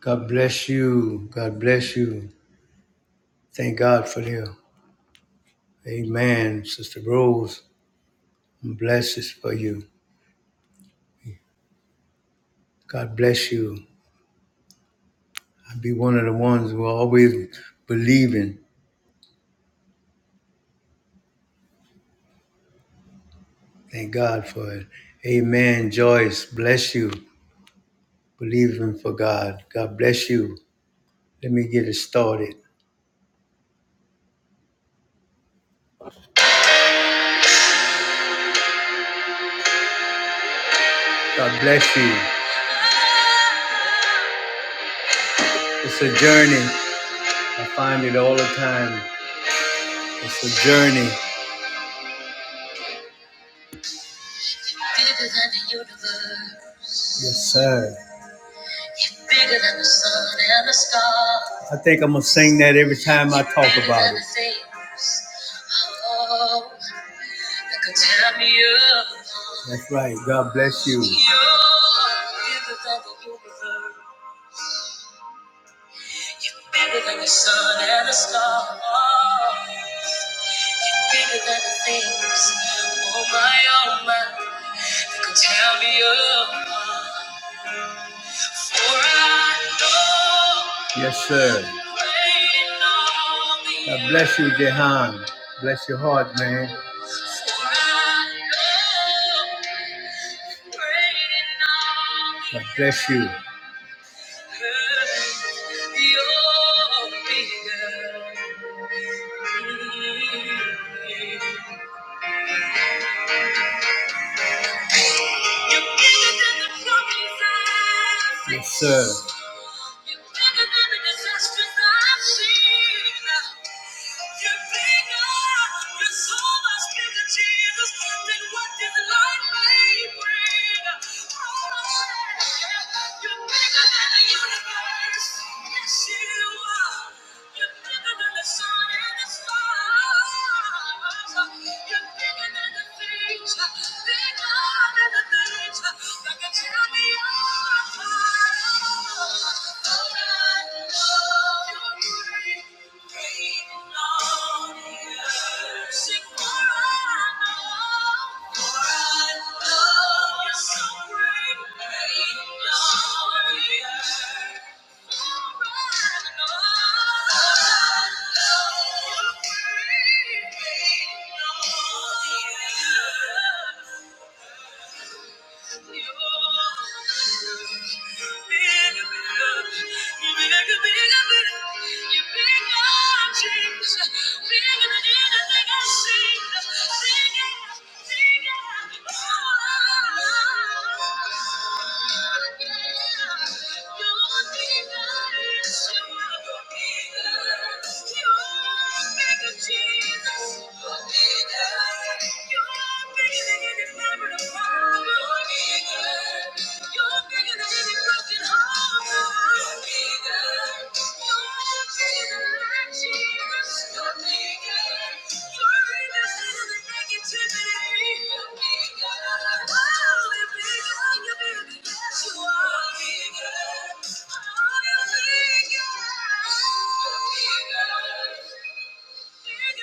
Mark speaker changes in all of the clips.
Speaker 1: God bless you. God bless you. Thank God for you. Amen. Sister Rose, I'm blessed for you. God bless you. I'll be one of the ones who are always believing. Thank God for it. Amen. Joyce, bless you. Believing for God. God bless you. Let me get it started. God bless you. It's a journey. I find it all the time. It's a journey. Bigger than the universe. Yes, sir. He's bigger than the sun and the stars. I think I'm gonna sing that every time I talk about it. Oh, that could tear me apart. That's right. God bless you. You're bigger than the universe. You're bigger than the sun and the stars. You're bigger than the things. Oh my, oh my, that could tear me apart. Yes, sir. God bless you, Jehan. Bless your heart, man. God bless you. Yes, sir. Thank you. Jesus, you're bigger. Bigger bigger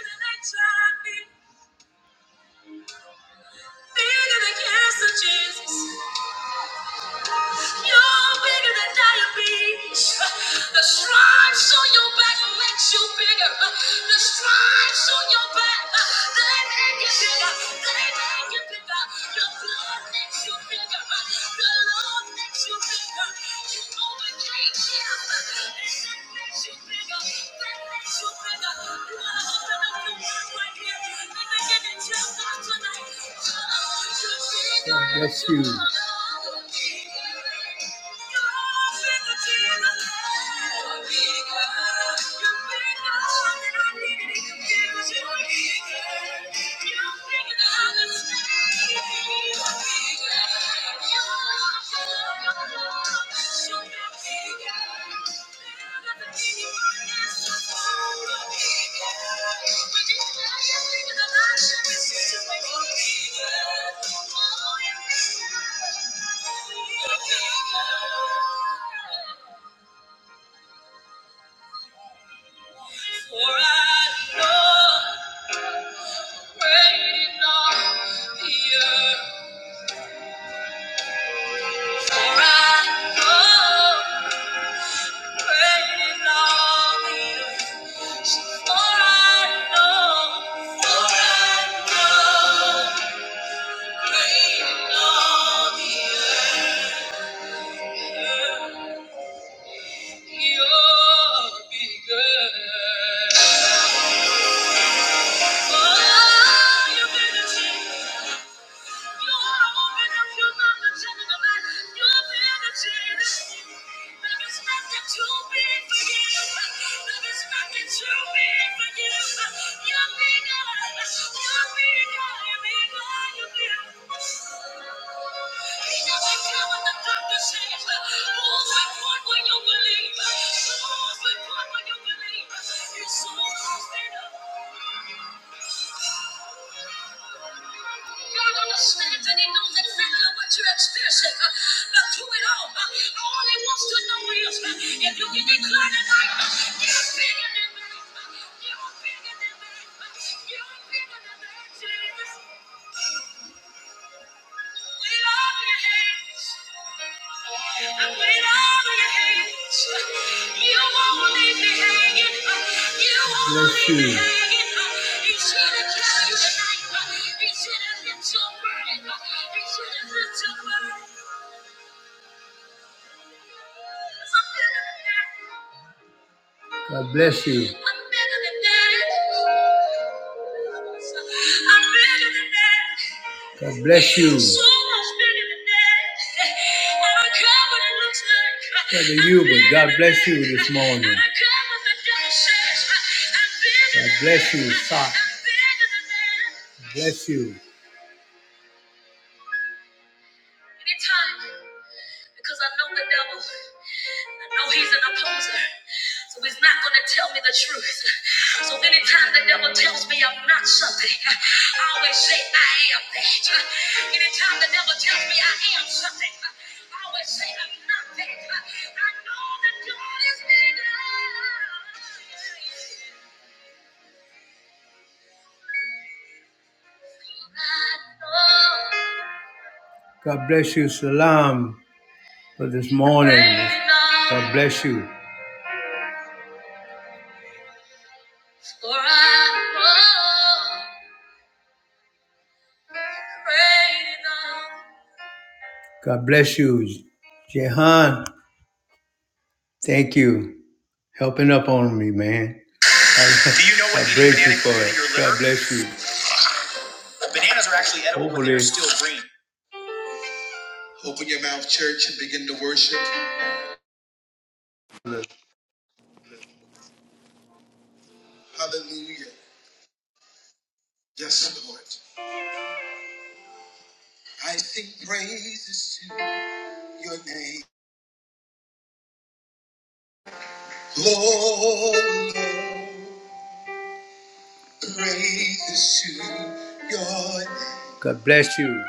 Speaker 1: than I tried before. Bigger than cancer, Jesus. You're bigger than diabetes. The stripes on your back makes you bigger. The stripes on your back, they make you bigger. They make you bigger. Your blood makes you bigger. The love makes you bigger. You overcame death, and that makes you bigger. That makes you God bless you. For I know great is thy fear. For I know. You're bigger. You're so confident. God understands and He knows exactly what you're experiencing. uh, But through it all, uh, all He wants to know is uh, if you can declare tonight, uh, you're bigger than that. uh, You're bigger than that. uh, You're bigger than that. Jesus. We love your hands. I put it all in your hands. You won't leave me hanging. You won't leave me hanging. He should have kept you tonight. He should have left your burden. He should have left your burden. I'm feeling that. God bless you. God bless you. So much not to you, but God bless you this morning. God bless you, Father. Bless you. Anytime, because I know the devil. No, he's an opposer. So he's not going to tell me the truth. So anytime the devil tells me I'm not something, I always say I am that. Anytime the devil tells me I am something, I always say I'm not that. I know that God is bigger. I know. God bless you. Salam for this morning. God bless you. For I know great enough. God bless you, Jehan. Thank you. Helping up on me, man. I, Do you know what I eating praise you banana for can do to it. your God liver? bless you. Bananas are actually edible, but they're Hopefully. still green. Open your mouth, church, and begin to worship. Hallelujah. Yes, Lord. I sing praises to your name. Lord, Lord, praises to your name. God bless you.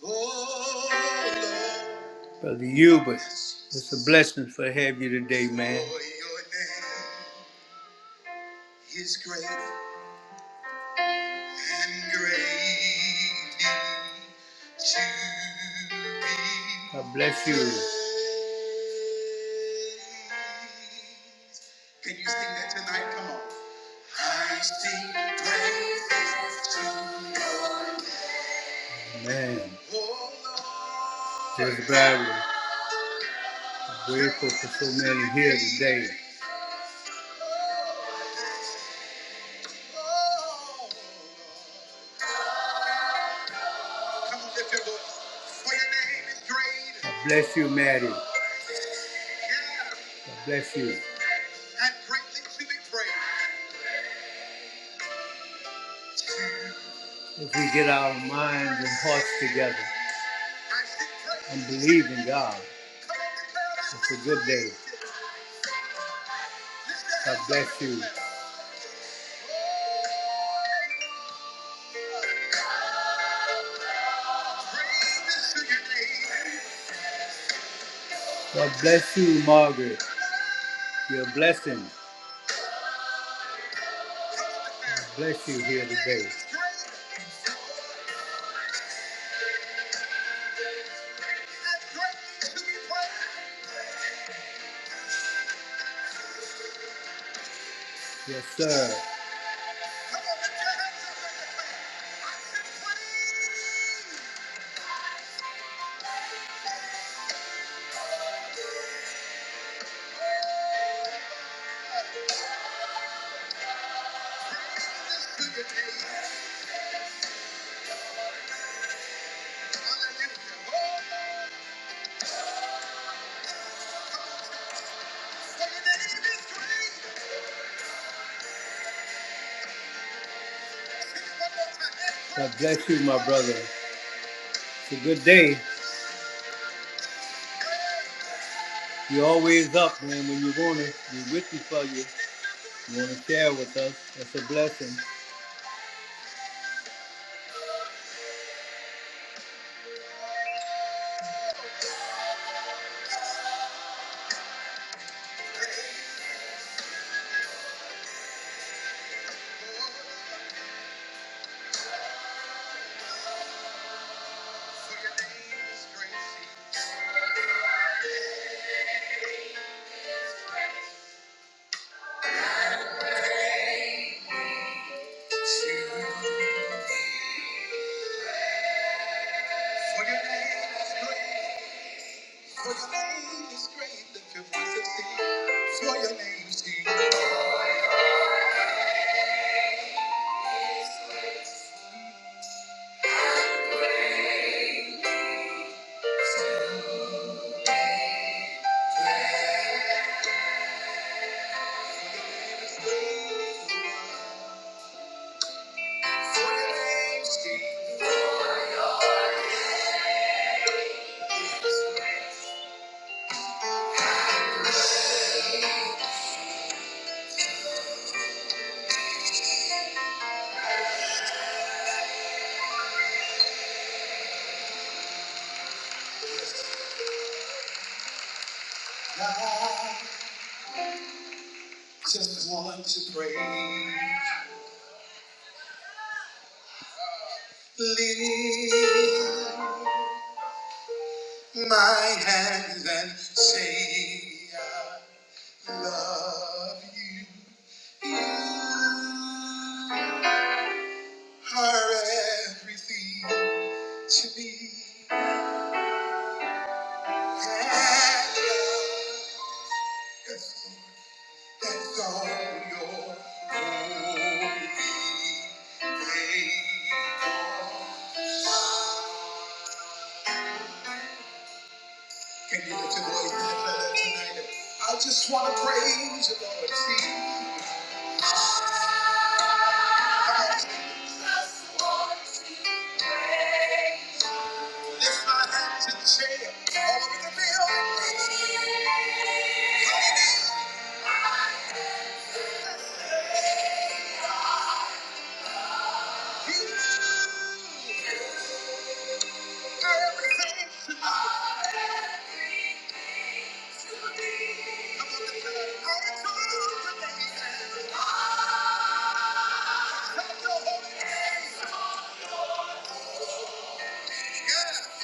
Speaker 1: Brother Hubert, it's a blessing to have you today, man. For your name is great and greatly God bless you. Can you sing that tonight? Come on. I sing praises to your name. Man, Oh, a Judge Barry, I'm grateful for so many here today. God bless you, Mary. God bless you. If we get our minds and hearts together and believe in God, it's a good day. God bless you. God bless you, Margaret. Your blessing. God Bless you here today. Yes, sir. God bless you, my brother. It's a good day. You're always up, man. When you want it, we're with you for you. You want to share with us. That's a blessing. For your name is great. For your name is great. For your name is great. I just want to pray. Lift my hands and say I love you. You are everything to me. And you're everything. Exalt your holy name. Can you lift your voice and declare that tonight? I just want to praise you, Lord. See, I just want to praise Lift my hands and share all over the building. Come on, declare. I adore your name. Exalt your holy name. Yeah.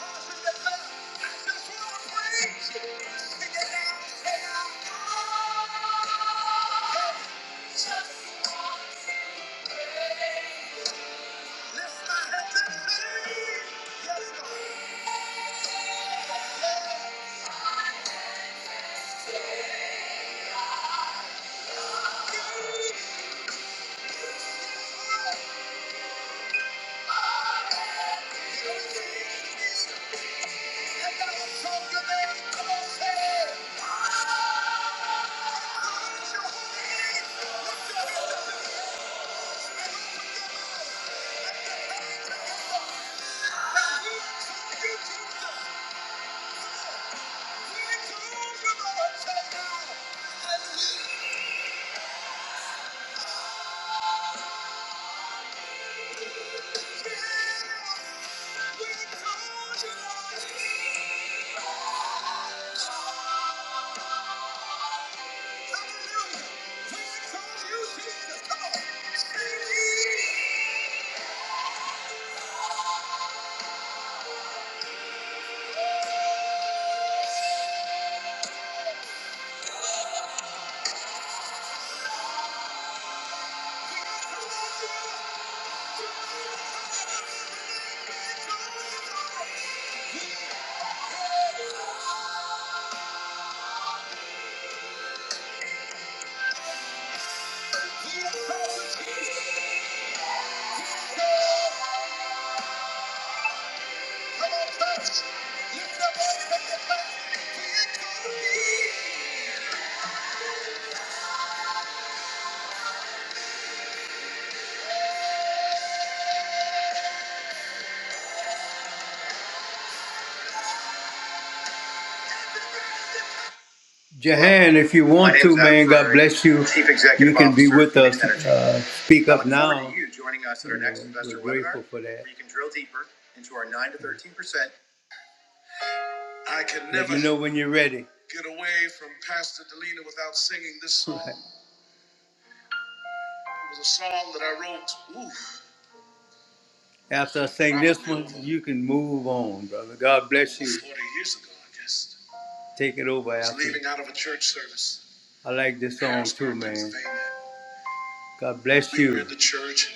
Speaker 1: I should declare. Come on Yeah. Hallelujah. We call you Jesus. Come on. Sing it. We exalt you, Jesus. Jahan, if you want to, man, God bless you. You can be with us. Uh, speak up now. you know, we're grateful for that. you can drill deeper into our 9 to 13%. I can Let never me know when you're ready. get away from Pastor Delina without singing this song. It was a song that I wrote, oof, After I sing I this one, over, you can move on, brother. God bless you. 40 years ago, I guess. Take it over I was after. leaving out of a church service I like this in song Harrisburg, too, man. Pennsylvania. God bless leader you. Leader of the church.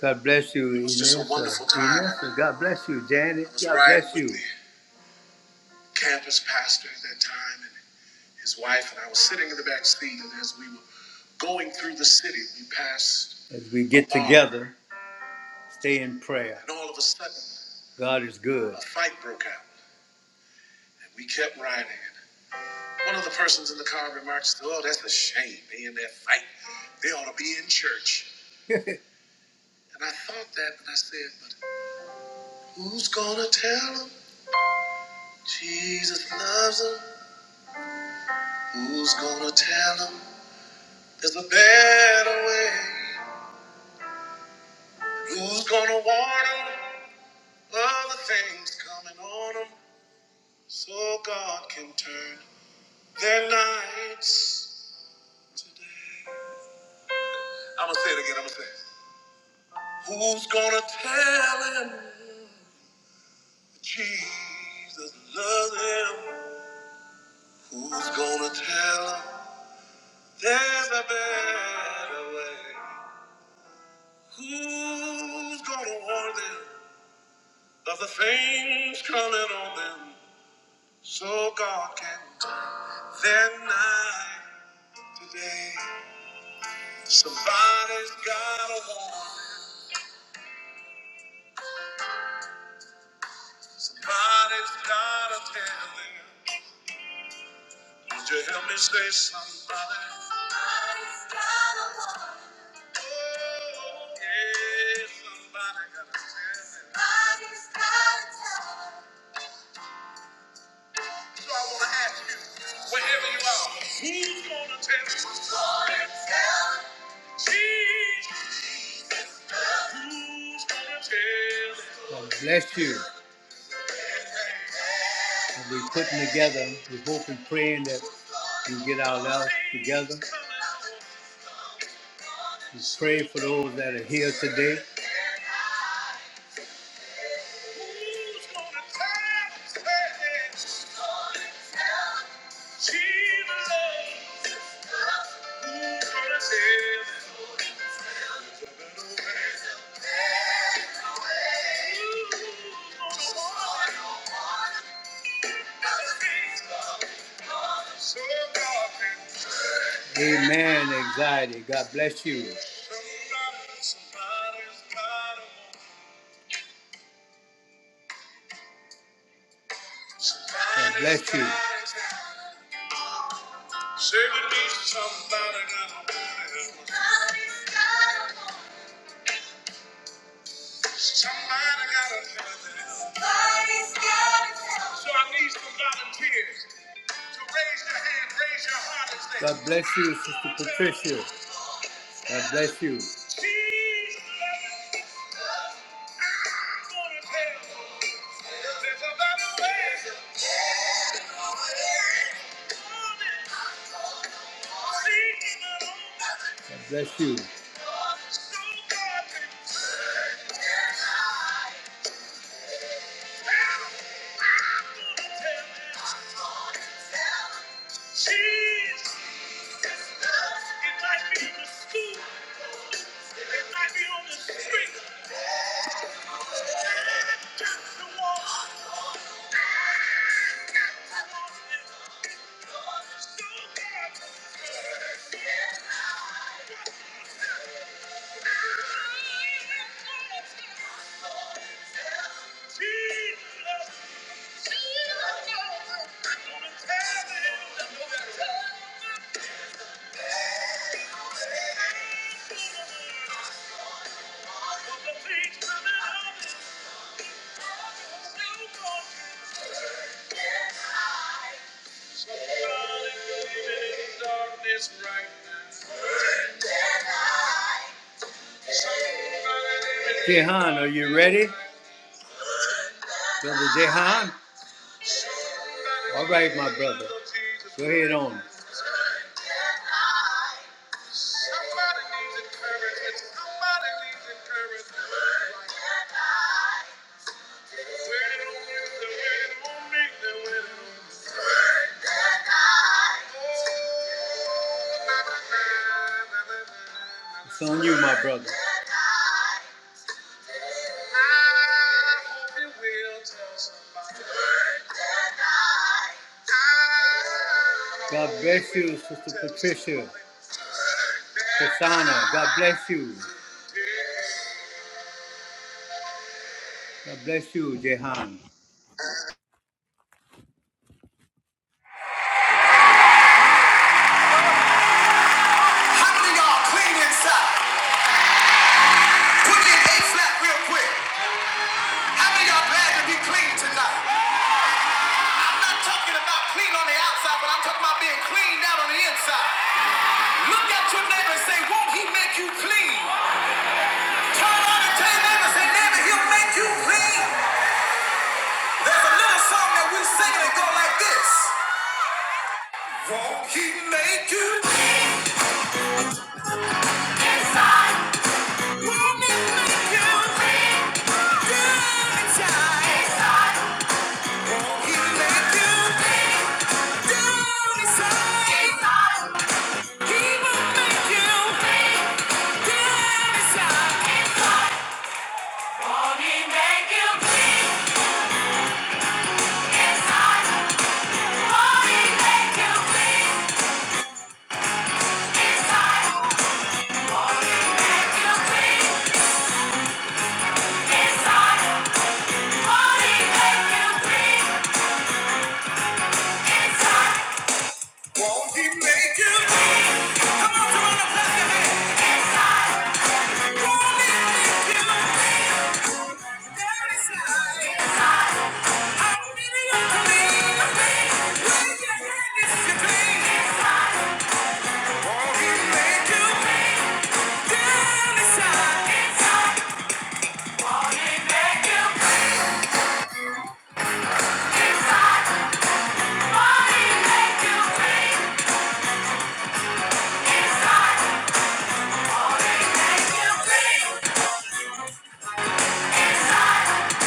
Speaker 1: God bless you, It was just a wonderful time. God bless you. Janet, God bless you. I was God riding bless with you. the campus pastor at that time and his wife, and I was sitting in the back seat. And as we were going through the city, we passed As we get together, stay in prayer. and all of a sudden, God is good. a fight broke out, and we kept riding. One of the persons in the car remarked, "Oh, that's a shame. They in that fight. They ought to be in church." And I thought that, and I said, but Who's gonna tell him Jesus loves him? Who's gonna tell him there's a better way? Who's gonna warn him of the things coming on him so God can turn their nights to day? I'm gonna say it again, I'm gonna say it. Who's gonna tell him Jesus loves him? Who's gonna tell him there's a better way? Who's gonna warn them of the things coming on them so God can turn their night today? Somebody's gotta warn them. Somebody's gotta tell them. Would you help me say somebody? Oh, yeah, somebody gotta tell them. Somebody's gotta tell them. Wherever you are, who's gonna tell them? Jesus. God bless you. And we're putting together, we hope and praying that we get our lives together. We pray for those that are here today. Amen, anxiety. God bless you. God bless you. Say we need somebody got a woman. Somebody got a woman. So I need some volunteers to raise your hand, raise your heart and say, God bless you, Sister Patricia. God bless you. She's gonna tell you there's a better way. God bless you. So God can Jesus, it might to tell me God, the things coming up. Jehan, are you ready? Brother Jehan? All right, my brother. Go ahead on. It's on you, my brother. God bless you, Sister Patricia. Kasana, God bless you. God bless you, Jehan.
Speaker 2: How many y'all clean inside? Put in A flat real quick. How many y'all glad to be clean tonight? I'm not talking about clean on the outside, but I'm talking about being clean down on the inside. Look at your neighbor say, won't he make you clean? Turn on and tell neighbor, say, neighbor, he'll make you clean. There's a little song that we sing and it like this. Won't he make you inside? Won't he make you clean? inside. Inside. Won't he make you? Come on, come on, clap your hands. Won't he make you? There is life. I'm giving you to me. Wave your hand if you please. Won't he make you? There is life. Won't he make you? Inside. Won't he make you? Inside, Won't he make you? Inside,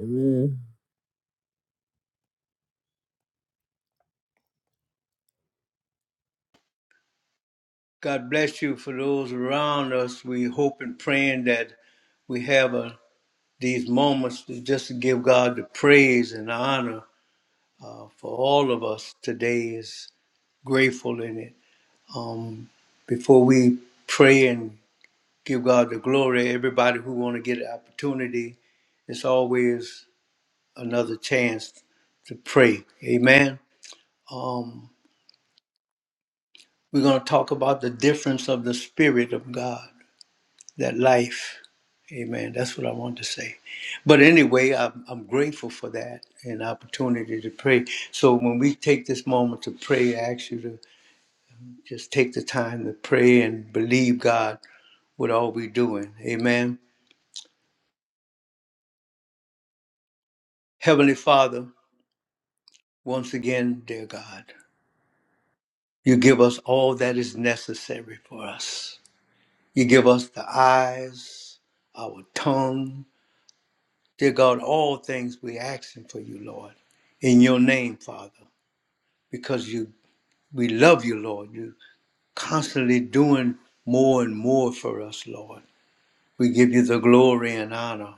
Speaker 2: Amen.
Speaker 1: God bless you for those around us. We hope and praying that we have uh these moments to just to give God the praise and honor uh, for all of us today is grateful in it. Um, before we pray and give God the glory, everybody who want to get an opportunity, it's always another chance to pray. Amen. Um, we're going to talk about the difference of the Spirit of God. that life. Amen. That's what I want to say. But anyway, I'm, I'm grateful for that and opportunity to pray. So when we take this moment to pray, I ask you to just take the time to pray and believe God with all we're doing. Amen. Heavenly Father, once again, dear God, you give us all that is necessary for us. You give us the eyes, our tongue. Dear God, all things we're asking for you, Lord. In your name, Father. because you we love you, Lord. You're constantly doing more and more for us, Lord. We give you the glory and honor.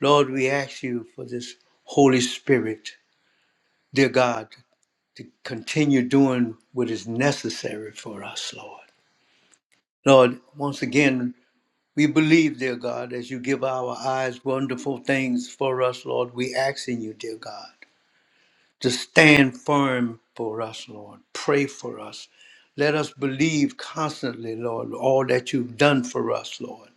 Speaker 1: Lord, we ask you for this Holy Spirit, dear God, to continue doing what is necessary for us, Lord. Lord, once again, we believe, dear God, as you give our eyes wonderful things for us, Lord. We ask in you, dear God. to stand firm for us, Lord. Pray for us. Let us believe constantly, Lord, all that you've done for us, Lord.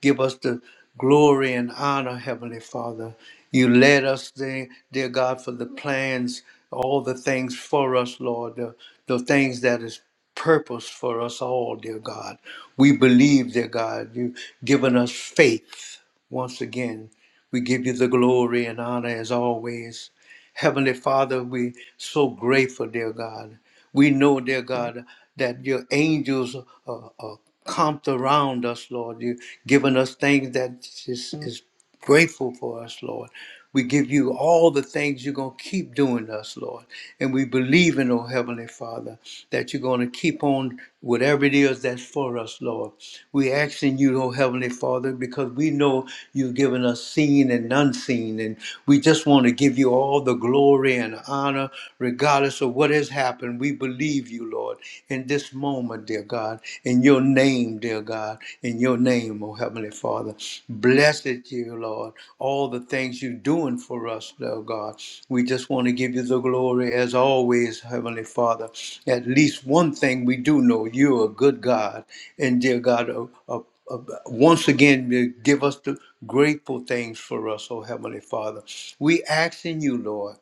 Speaker 1: Give us the glory and honor, Heavenly Father. You led us, dear, dear God, for the plans, all the things for us, Lord, the, the things that is purpose for us all, dear God. We believe, dear God, you've given us faith once again. We give you the glory and honor as always. Heavenly Father, we so grateful, dear God. We know, dear God, that your angels are, are camped around us, Lord. You've given us things that is, is grateful for us, Lord. We give you all the things you're going to keep doing us, Lord. And we believe in, oh Heavenly Father, that you're going to keep on whatever it is that's for us, Lord. we asking you, oh Heavenly Father, because we know you've given us seen and unseen. And we just want to give you all the glory glory and honor, regardless of what has happened. We believe you, Lord, in this moment, dear God, in your name, dear God, in your name, oh Heavenly Father. Blessed you, Lord, all the things you're doing for us, dear God. We just want to give you the glory as always, Heavenly Father. At least one thing we do know you're a good God, and dear God, a, a uh, once again to give us the grateful things for us, oh Heavenly Father. We ask in you, Lord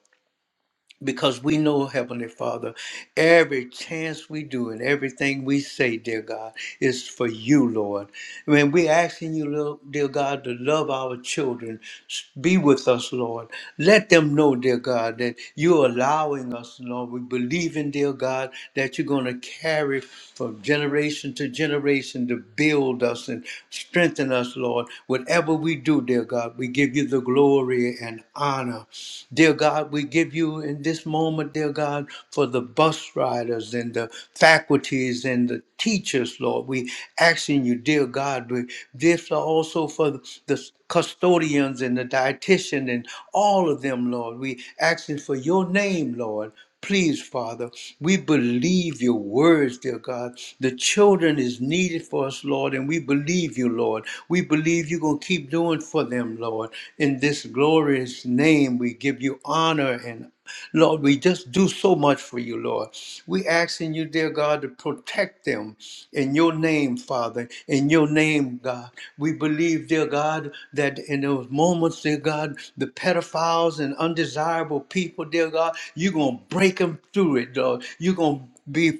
Speaker 1: because we know, Heavenly Father, every chance we do and everything we say, dear God, is for you, Lord. I mean, we're asking you, Lord, dear God, to love our children. S- Be with us, Lord. Let them know, dear God, that you're allowing us, Lord. We believe in, dear God, that you're going to carry from generation to generation to build us and strengthen us, Lord. Whatever we do, dear God, we give you you the glory and honor. Dear God, we give you in this moment, dear God, for the bus riders and the faculties and the teachers, Lord. We asking you, dear God, we this also for the custodians and the dietitian and all of them, Lord. We asking for your name, Lord. Please, Father, we believe your words, dear God. The children is needed for us, Lord, and we believe you, Lord. We believe you're going to keep doing for them, Lord. In this glorious name, we give you honor and Lord, we just do so much for you, Lord. Lord. We asking you, dear God, to protect them in your name, Father, in your name, God. We believe, dear God, that in those moments, dear God, the pedophiles and undesirable people, dear God, you're going to break them through it, Lord. You're going to be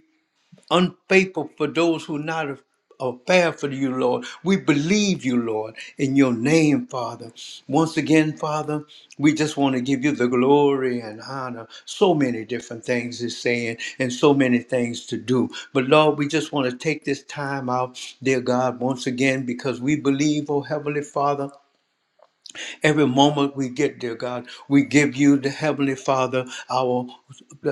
Speaker 1: unfaithful for those who not are are fair for you, Lord. We believe you, Lord, in your name, Father. Once again, Father, we just want to give you the glory and honor. So many different things is saying and so many things to do. But Lord, we just want to take this time out, dear God, once again, because we believe, oh Heavenly Father. Every moment we get, dear God, we give you the Heavenly Father our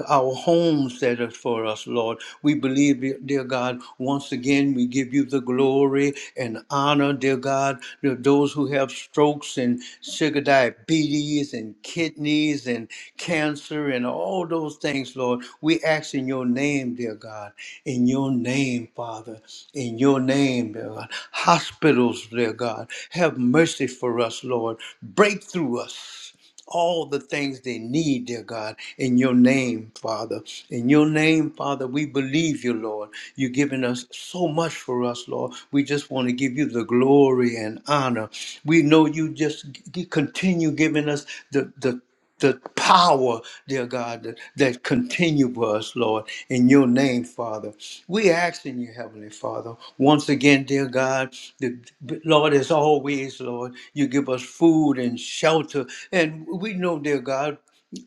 Speaker 1: our homes that are for us, Lord. We believe, dear God, once again we give you the glory and honor, dear God, to those who have strokes and sugar diabetes and kidneys and cancer and all those things, Lord. We ask in your name, dear God, in your name name, Father. In your name, dear God. Hospitals, dear God. Have mercy for us, Lord. Break through us all the things they need, dear God, in your name, Father. In your name, Father, we believe you, Lord. You've given us so much for us, Lord. We just want to give you the glory and honor. We know you just g- continue giving us the, the the power, dear God, that, that continue for us, Lord, in your name, Father. We ask in you, Heavenly Father, once again, dear God, the, Lord, as always, Lord, you give us food and shelter. And we know, dear God,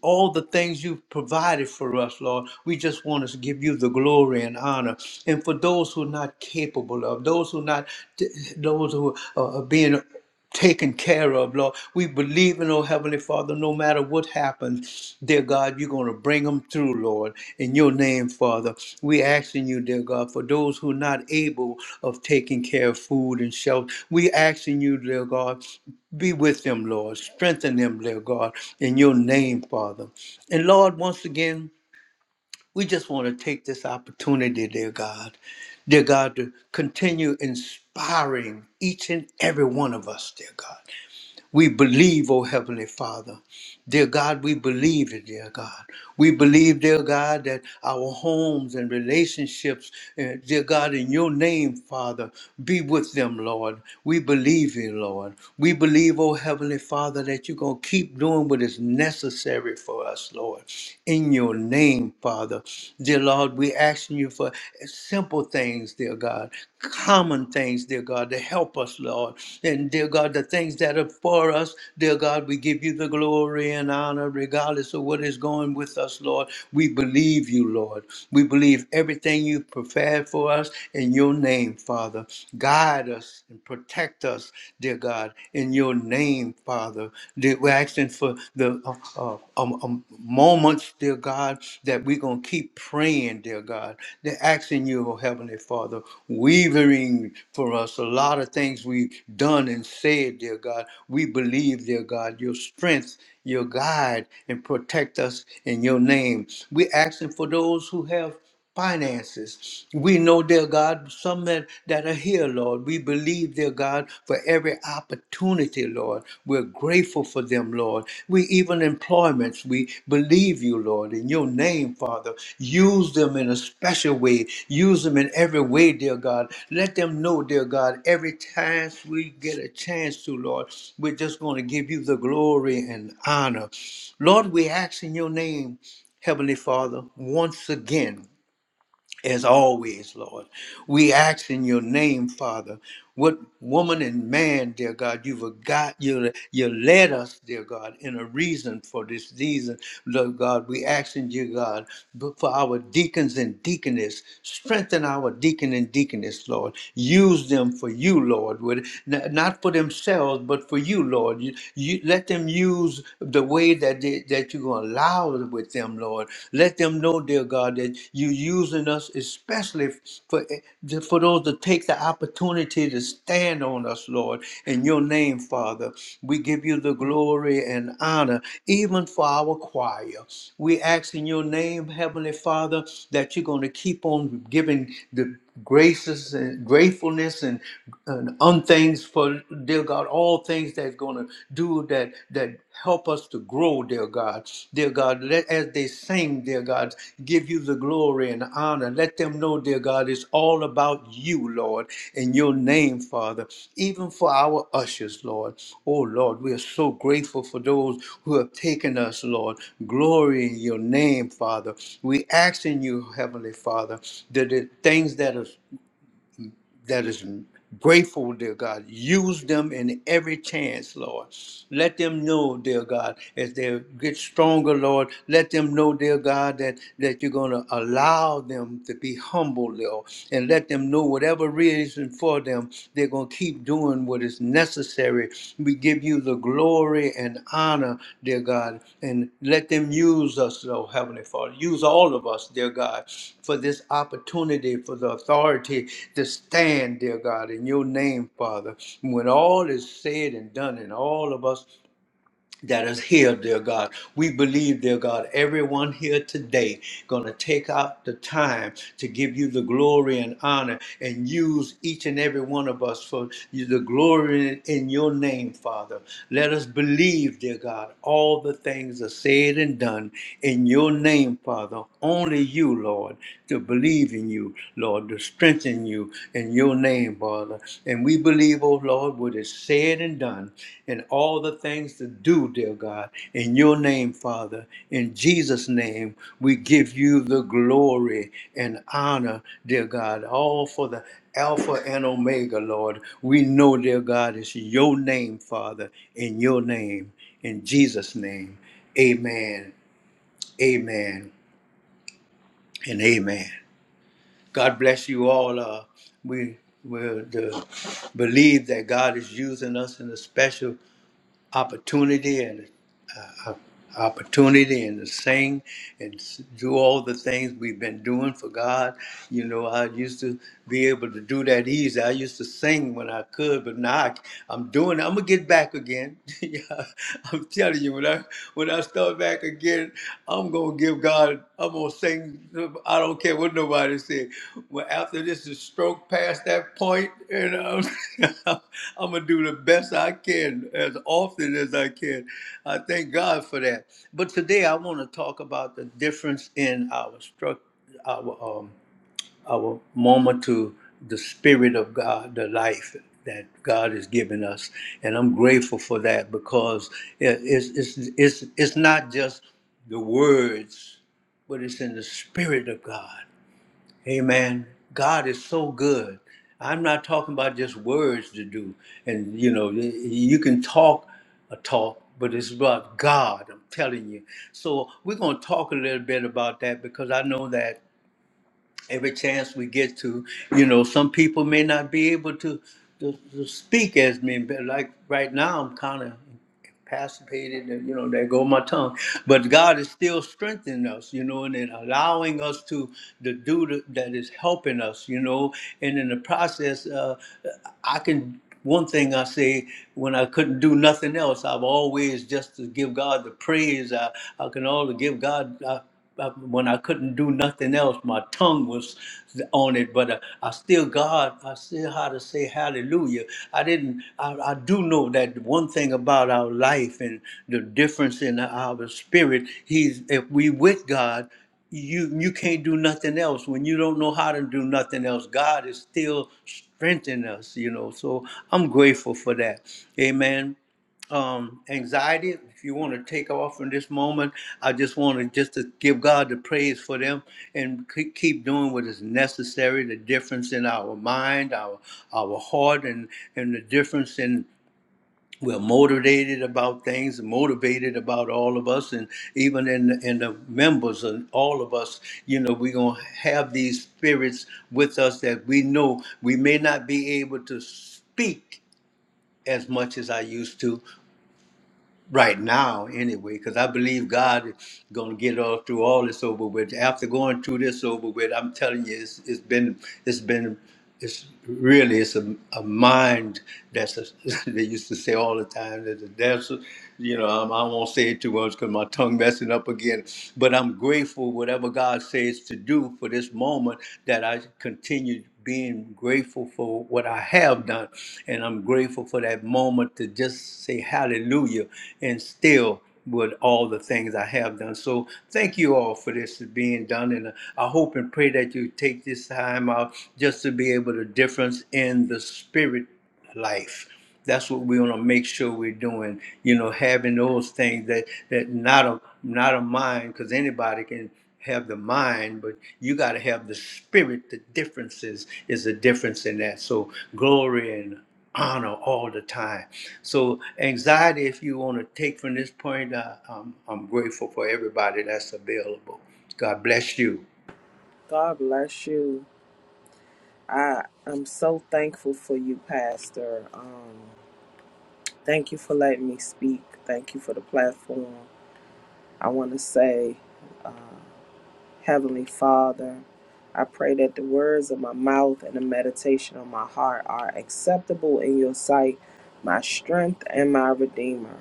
Speaker 1: all the things you've provided for us, Lord. We just want to give you the glory and honor. And for those who are not capable of, those who are not, those who are being taken care of, Lord. We believe in, oh Heavenly Father, no matter what happens, dear God, you're going to bring them through, Lord. In your name, Father, we asking you, dear God, for those who are not able of taking care of food and shelter, we asking you, dear God, be with them, Lord. Strengthen them, dear God, in your name, Father. And Lord, once again, we just want to take this opportunity, dear God, dear God, to continue inspiring each and every one of us, dear God. We believe, oh Heavenly Father. Dear God, we believe it, dear God. We believe, dear God, that our homes and relationships, eh, dear God, in your name, Father, be with them, Lord. We believe you, Lord. We believe, oh Heavenly Father, that you're going to keep doing what is necessary for us, Lord. In your name, Father. Dear Lord, we're asking you for simple things, dear God, common common things, dear God, to help us, Lord. And dear God, the things that are for us, dear God, we give you the glory and honor regardless of what is going with us, Lord. We believe you, Lord. We believe everything you've prepared for us in your name, Father. Guide us and protect us, dear God, in your name, Father. Dear- We're asking for the uh, uh, um, um, moments dear God, that we're going to keep praying, dear God. They're asking you, oh Heavenly Father, weavering for us a lot of things we've done and said, dear God. We believe, dear God, your strength, your guide, and protect us in your name. We're asking for those who have finances. We know, dear God, some that that are here, Lord. We believe, dear God, for every opportunity, Lord. We're grateful for them, Lord. We even employments, we believe you, Lord, in your name, Father. Use them in a special way. Use them in every way, dear God. Let them know, dear God, every time we get a chance to, Lord, we're just going to give you the glory and honor. Lord, we ask in your name, Heavenly Father, once again as always, Lord. We ask in your name, Father, what woman and man, dear God, you've got you you led us, dear God, in a reason for this reason, Lord God. We ask in dear God, but for our deacons and deaconess, strengthen our deacon and deaconess, Lord. Use them for you, Lord, with, n- not for themselves, but for you, Lord. You, you let them use the way that they, that you're you're going to allow it with them, Lord. Let them know, dear God, that you're using us especially for, for those to take the opportunity to stand on us, Lord. In your name, Father, we give you the glory and honor, even for our choir. We ask in your name, Heavenly Father, that you're going to keep on giving the graces and gratefulness and, and on things for dear God, all things that's gonna do that that help us to grow, dear God. Dear God, let as they sing, dear God, give you the glory and honor. Let them know, dear God, it's all all about you, Lord, in your name, Father, even for our ushers, Lord. Oh, Lord, we are so grateful for those who have taken us, Lord. Glory in your name, Father. We ask in you, Heavenly Father, that the things that are that is grateful, dear God. Use them in every chance, Lord. Let them know, dear God, as they get stronger, Lord. Let them know, dear God, that, that you're going to allow them to be humble, Lord. And let them know whatever reason for them, they're going to keep doing what is what is necessary. We give you the glory and honor, dear God, and let them use us, oh Heavenly Father. Use all of us, dear God, for this opportunity, for the authority to stand, dear God, in your name, Father. When all is said and done, and all of us that is here, dear God. We believe, dear God, everyone here today going to take out the time to give you the glory and honor and use each and every one of us for you- the glory in in your name, Father. Let us believe, dear God, all the things are said and done in your name, Father. Only you, Lord to believe in you, Lord, to strengthen you in your name, Father. And we believe, oh Lord, what is said and done, and all the things to do, dear God, in your name, Father. In Jesus' name, we give you the glory and honor, dear God, all for the Alpha and Omega, Lord. We know, dear God, it's your name, Father, in your name, in Jesus' name. Amen, amen, and amen. God bless you all. Uh, we will uh, believe that God is using us in a special opportunity and uh, opportunity and to sing and s- do all the things we've been doing for God. You know, I used to be able to do that easy. I used to sing when I could, but now I, am doing. I'm gonna get back again. yeah, I'm telling you, when I when I start back again, I'm gonna give give God, I'm gonna sing. I don't care what nobody said. Well, after this is stroke past that point, and I'm, I'm gonna do the best I can as often as I can. I thank God for that. But today I want to talk about the difference in our struct, our um our moment to the spirit of God, the life that God has given us, and I'm grateful for that because it- it's it's it's it's not just the words, but it's in the spirit of God. Amen. God is so good. I'm not talking about just words to do, and you know you can talk a talk, but it's about God. I'm telling you. So we're gonna talk a little bit about that because I know that every chance we get to. You know, some people may not be able to to, to speak as me, but like right now, I'm kind of incapacitated, and you know, there go my tongue. But God is still strengthening us, you know, and then allowing us to to do the, that is helping us, you know, and in the process, uh, I can. One thing I say when I couldn't do nothing else, I've always just to give God the praise. I, I can all give God. uh, uh, when I couldn't do nothing else, my tongue was on it, but uh, I still, God, I still how to say hallelujah. I didn't, I, I do know that one thing about our life and the difference in our spirit, he's, if we with God, you, you can't do nothing else. When you don't know how to do nothing else, God is still strengthening us, you know. So I'm grateful for that. Amen um, anxiety. If you want to take off from this moment, I just want to just to give God the praise for them and ke- keep doing what is necessary. The difference in our mind, our our heart, and and the difference in we're motivated about things, motivated about all of us, and even in in the members and all of us. You know, we're gonna have these spirits with us that we know we may not be able to speak as much as I used to, right now anyway because i believe god is going to get us through all this over with after going through this over with i'm telling you it's, it's been it's been it's really it's a, a mind that's a, they used to say all the time that the that's you know I'm, i won't say it too much because my tongue messing up again but i'm grateful whatever god says to do for this moment that i continue being grateful for what I have done. And I'm grateful for that moment to just say hallelujah and still with all the things I have done. So thank you all for this being done. And I hope and pray that you take this time out just to be able to difference in the spirit life. That's what we want to make sure we're doing. You know, having those things that that not a not a mind, because anybody can have the mind, but you got to have the spirit. The differences is the difference in that. So glory and honor all the time. So anxiety, if you want to take from this point, uh, I'm I'm grateful for everybody that's available. God bless you.
Speaker 3: God bless you. I am so thankful for you, Pastor. Um, thank you for letting me speak. Thank you for the platform. I want to say, uh, Heavenly Father, I pray that the words of my mouth and the meditation of my heart are acceptable in your sight, my strength and my redeemer.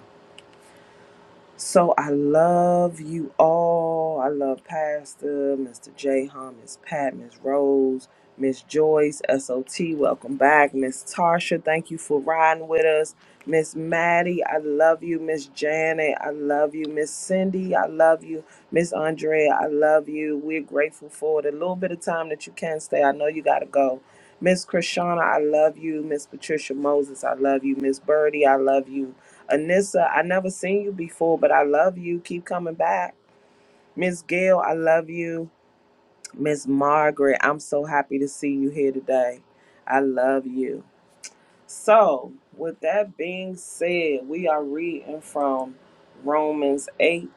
Speaker 3: So I love you all. I love Pastor, Mr. J. Hum, Miss Pat, Miss Rose, Miss Joyce, SOT. Welcome back. Miss Tarsha, thank you for riding with us. Miss Maddie, I love you. Miss Janet, I love you. Miss Cindy, I love you. Miss Andrea, I love you. We're grateful for the little bit of time that you can stay. I know you got to go. Miss Krishana, I love you. Miss Patricia Moses, I love you. Miss Birdie, I love you. Anissa, I never seen you before, but I love you. Keep coming back. Miss Gail, I love you. Miss Margaret, I'm so happy to see you here today. I love you. So, with that being said, we are reading from Romans 8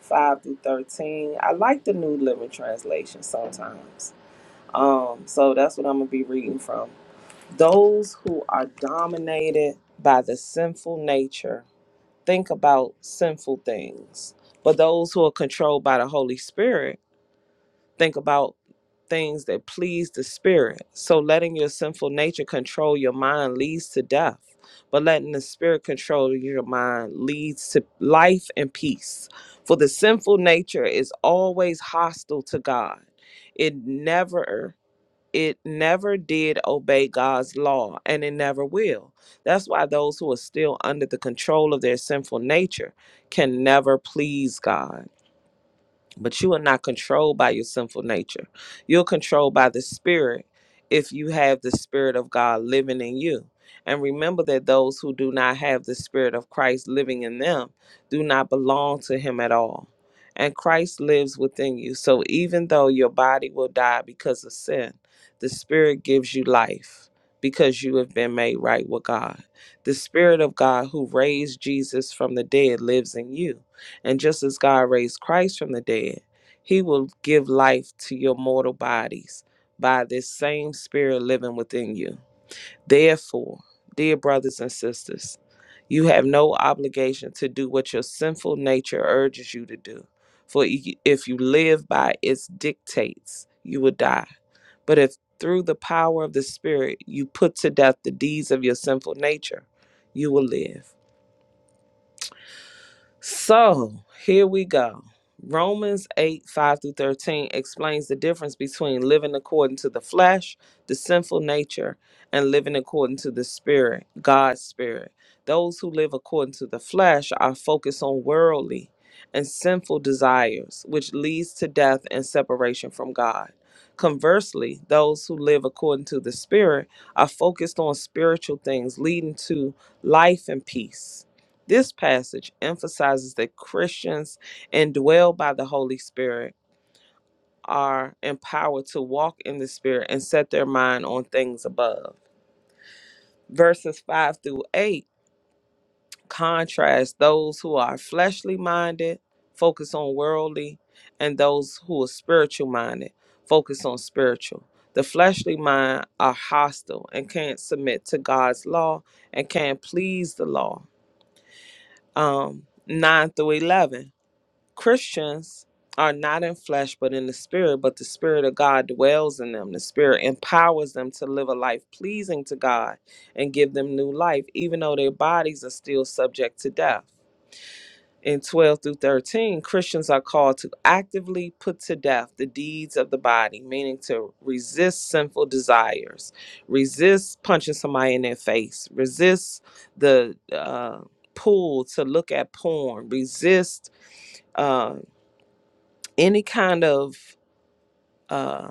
Speaker 3: 5 through 13. I like the New Living Translation sometimes. Um, so, that's what I'm going to be reading from. Those who are dominated by the sinful nature think about sinful things. But those who are controlled by the Holy Spirit think about things that please the Spirit. So letting your sinful nature control your mind leads to death. But letting the Spirit control your mind leads to life and peace. For the sinful nature is always hostile to God. It never it never did obey God's law and it never will. That's why those who are still under the control of their sinful nature can never please God but you are not controlled by your sinful nature. You're controlled by the Spirit if you have the Spirit of God living in you. And remember that those who do not have the Spirit of Christ living in them do not belong to Him at all. And Christ lives within you. So even though your body will die because of sin, the Spirit gives you life because you have been made right with God. The Spirit of God who raised Jesus from the dead lives in you. And just as God raised Christ from the dead, he will give life to your mortal bodies by this same spirit living within you. Therefore, dear brothers and sisters, you have no obligation to do what your sinful nature urges you to do. For i- if you live by its dictates, you will die. But if through the power of the Spirit you put to death the deeds of your sinful nature, you will live. So here we go. Romans 8, 5 through 13 explains the difference between living according to the flesh, the sinful nature, and living according to the spirit, God's spirit. Those who live according to the flesh are focused on worldly and sinful desires, which leads to death and separation from God. Conversely, those who live according to the spirit are focused on spiritual things, leading to life and peace. This passage emphasizes that Christians indwelled by the Holy Spirit are empowered to walk in the Spirit and set their mind on things above. Verses 5 through 8 contrast those who are fleshly minded, focus on worldly, and those who are spiritual minded, focus on spiritual. The fleshly mind are hostile and can't submit to God's law and can't please the law. Um, 9 through 11 Christians are not in flesh but in the spirit, but the spirit of God dwells in them. The spirit empowers them to live a life pleasing to God and give them new life, even though their bodies are still subject to death. In 12 through 13, Christians are called to actively put to death the deeds of the body, meaning to resist sinful desires, resist punching somebody in their face, resist the uh, pull to look at porn, resist uh, any kind of uh,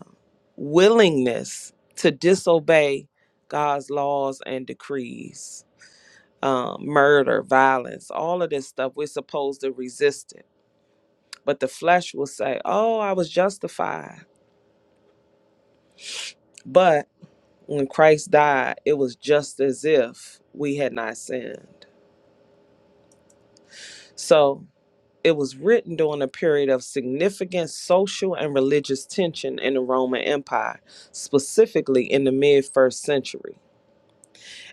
Speaker 3: willingness to disobey God's laws and decrees, um, murder, violence, all of this stuff, we're supposed to resist it. But the flesh will say, Oh, I was justified. But when Christ died, it was just as if we had not sinned. So it was written during a period of significant social and religious tension in the Roman Empire, specifically in the mid first century.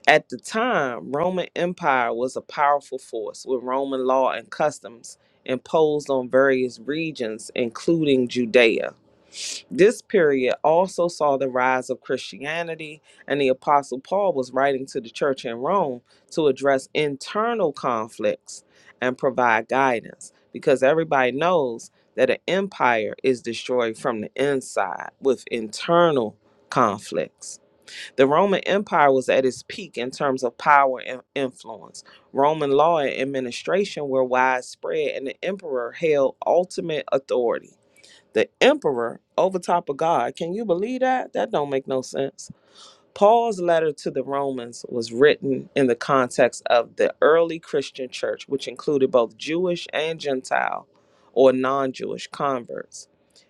Speaker 3: At the time, Roman Empire was a powerful force with Roman law and customs imposed on various regions, including Judea. This period also saw the rise of Christianity, and the Apostle Paul was writing to the church in Rome to address internal conflicts and provide guidance because everybody knows that an empire is destroyed from the inside with internal conflicts. The Roman Empire was at its peak in terms of power and influence. Roman law and administration were widespread, and the emperor held ultimate authority. The emperor over top of God. Can you believe that? That don't make no sense Paul's letter to the Romans was written in the context of the early Christian church, which included both Jewish and Gentile or non Jewish converts.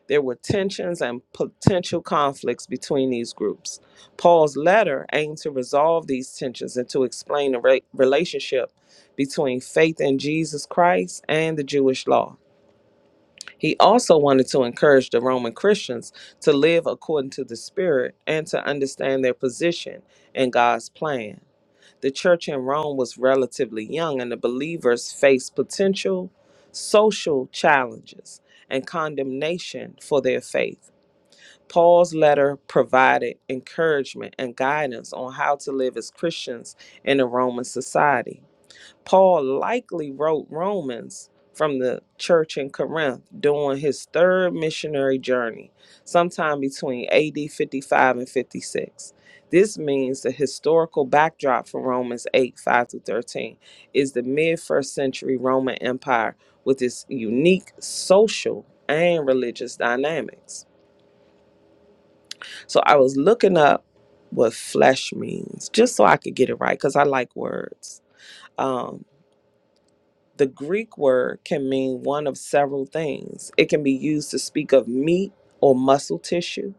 Speaker 3: There were tensions and potential conflicts between these groups. Paul's letter aimed to resolve these tensions and to explain the re- relationship between faith in Jesus Christ and the Jewish law. He also wanted to encourage the Roman Christians to live according to the Spirit and to understand their position in God's plan. The church in Rome was relatively young, and the believers faced potential social challenges and condemnation for their faith. Paul's letter provided encouragement and guidance on how to live as Christians in a Roman society. Paul likely wrote Romans from the church in Corinth during his third missionary journey, sometime between AD 55 and 56. This means the historical backdrop for Romans 8 5 through 13 is the mid first century Roman Empire with its unique social and religious dynamics. So I was looking up what flesh means just so I could get it right because I like words Um, The Greek word can mean one of several things. It can be used to speak of meat or muscle tissue,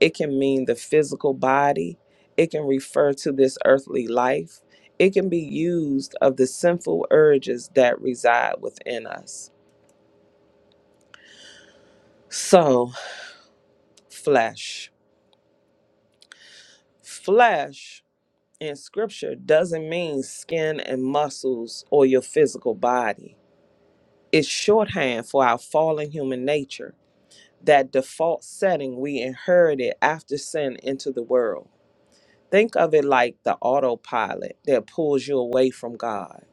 Speaker 3: it can mean the physical body, it can refer to this earthly life, it can be used of the sinful urges that reside within us. So, flesh. Flesh in scripture doesn't mean skin and muscles or your physical body. It's shorthand for our fallen human nature that default setting we inherited after sin into the world. Think of it like the autopilot that pulls you away from God.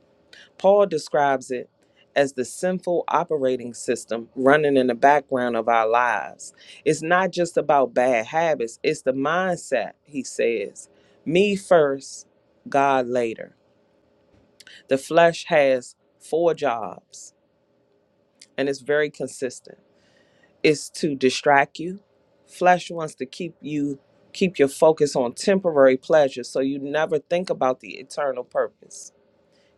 Speaker 3: Paul describes it as the sinful operating system running in the background of our lives. It's not just about bad habits, it's the mindset, he says. Me first, God later. The flesh has four jobs and it's very consistent. is to distract you. Flesh wants to keep you keep your focus on temporary pleasure so you never think about the eternal purpose.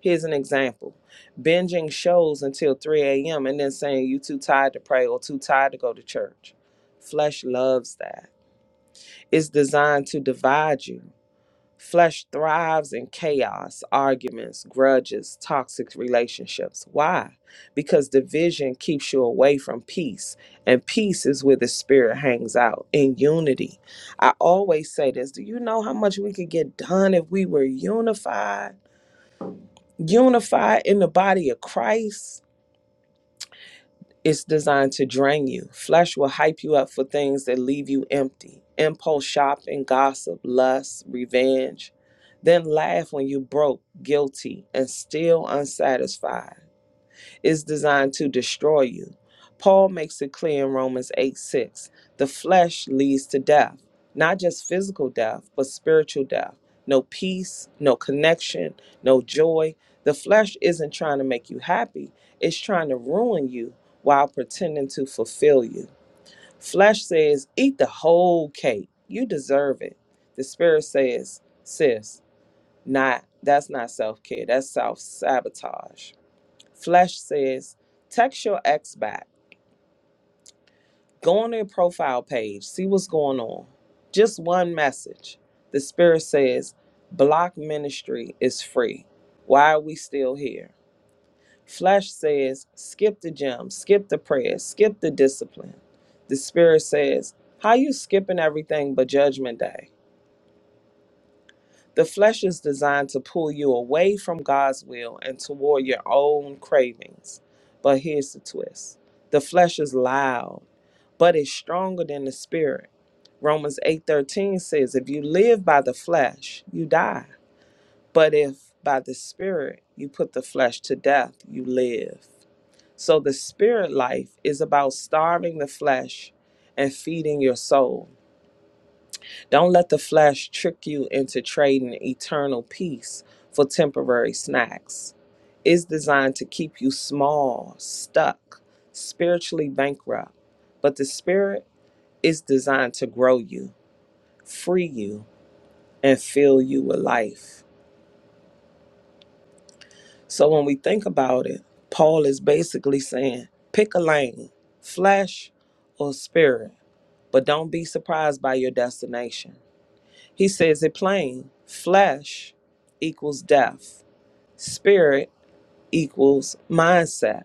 Speaker 3: Here's an example. Binging shows until 3 a.m. and then saying you too tired to pray or too tired to go to church. Flesh loves that. It's designed to divide you. Flesh thrives in chaos, arguments, grudges, toxic relationships. Why? Because division keeps you away from peace, and peace is where the spirit hangs out in unity. I always say this do you know how much we could get done if we were unified? Unified in the body of Christ? It's designed to drain you. Flesh will hype you up for things that leave you empty impulse shopping, gossip, lust, revenge. Then laugh when you broke, guilty, and still unsatisfied is designed to destroy you. Paul makes it clear in Romans 8 6 the flesh leads to death, not just physical death, but spiritual death. No peace, no connection, no joy. The flesh isn't trying to make you happy, it's trying to ruin you while pretending to fulfill you. Flesh says, Eat the whole cake. You deserve it. The spirit says, Sis, not that's not self care, that's self sabotage. Flesh says, text your ex back. Go on their profile page. See what's going on. Just one message. The Spirit says, block ministry is free. Why are we still here? Flesh says, skip the gym, skip the prayers, skip the discipline. The Spirit says, how you skipping everything but judgment day? The flesh is designed to pull you away from God's will and toward your own cravings. But here's the twist the flesh is loud, but it's stronger than the spirit. Romans 8:13 says, "If you live by the flesh, you die, but if by the spirit you put the flesh to death, you live." So the spirit life is about starving the flesh and feeding your soul. Don't let the flesh trick you into trading eternal peace for temporary snacks. It's designed to keep you small, stuck, spiritually bankrupt. But the Spirit is designed to grow you, free you, and fill you with life. So when we think about it, Paul is basically saying pick a lane, flesh or spirit, but don't be surprised by your destination. He says it plain flesh equals death, spirit equals mindset.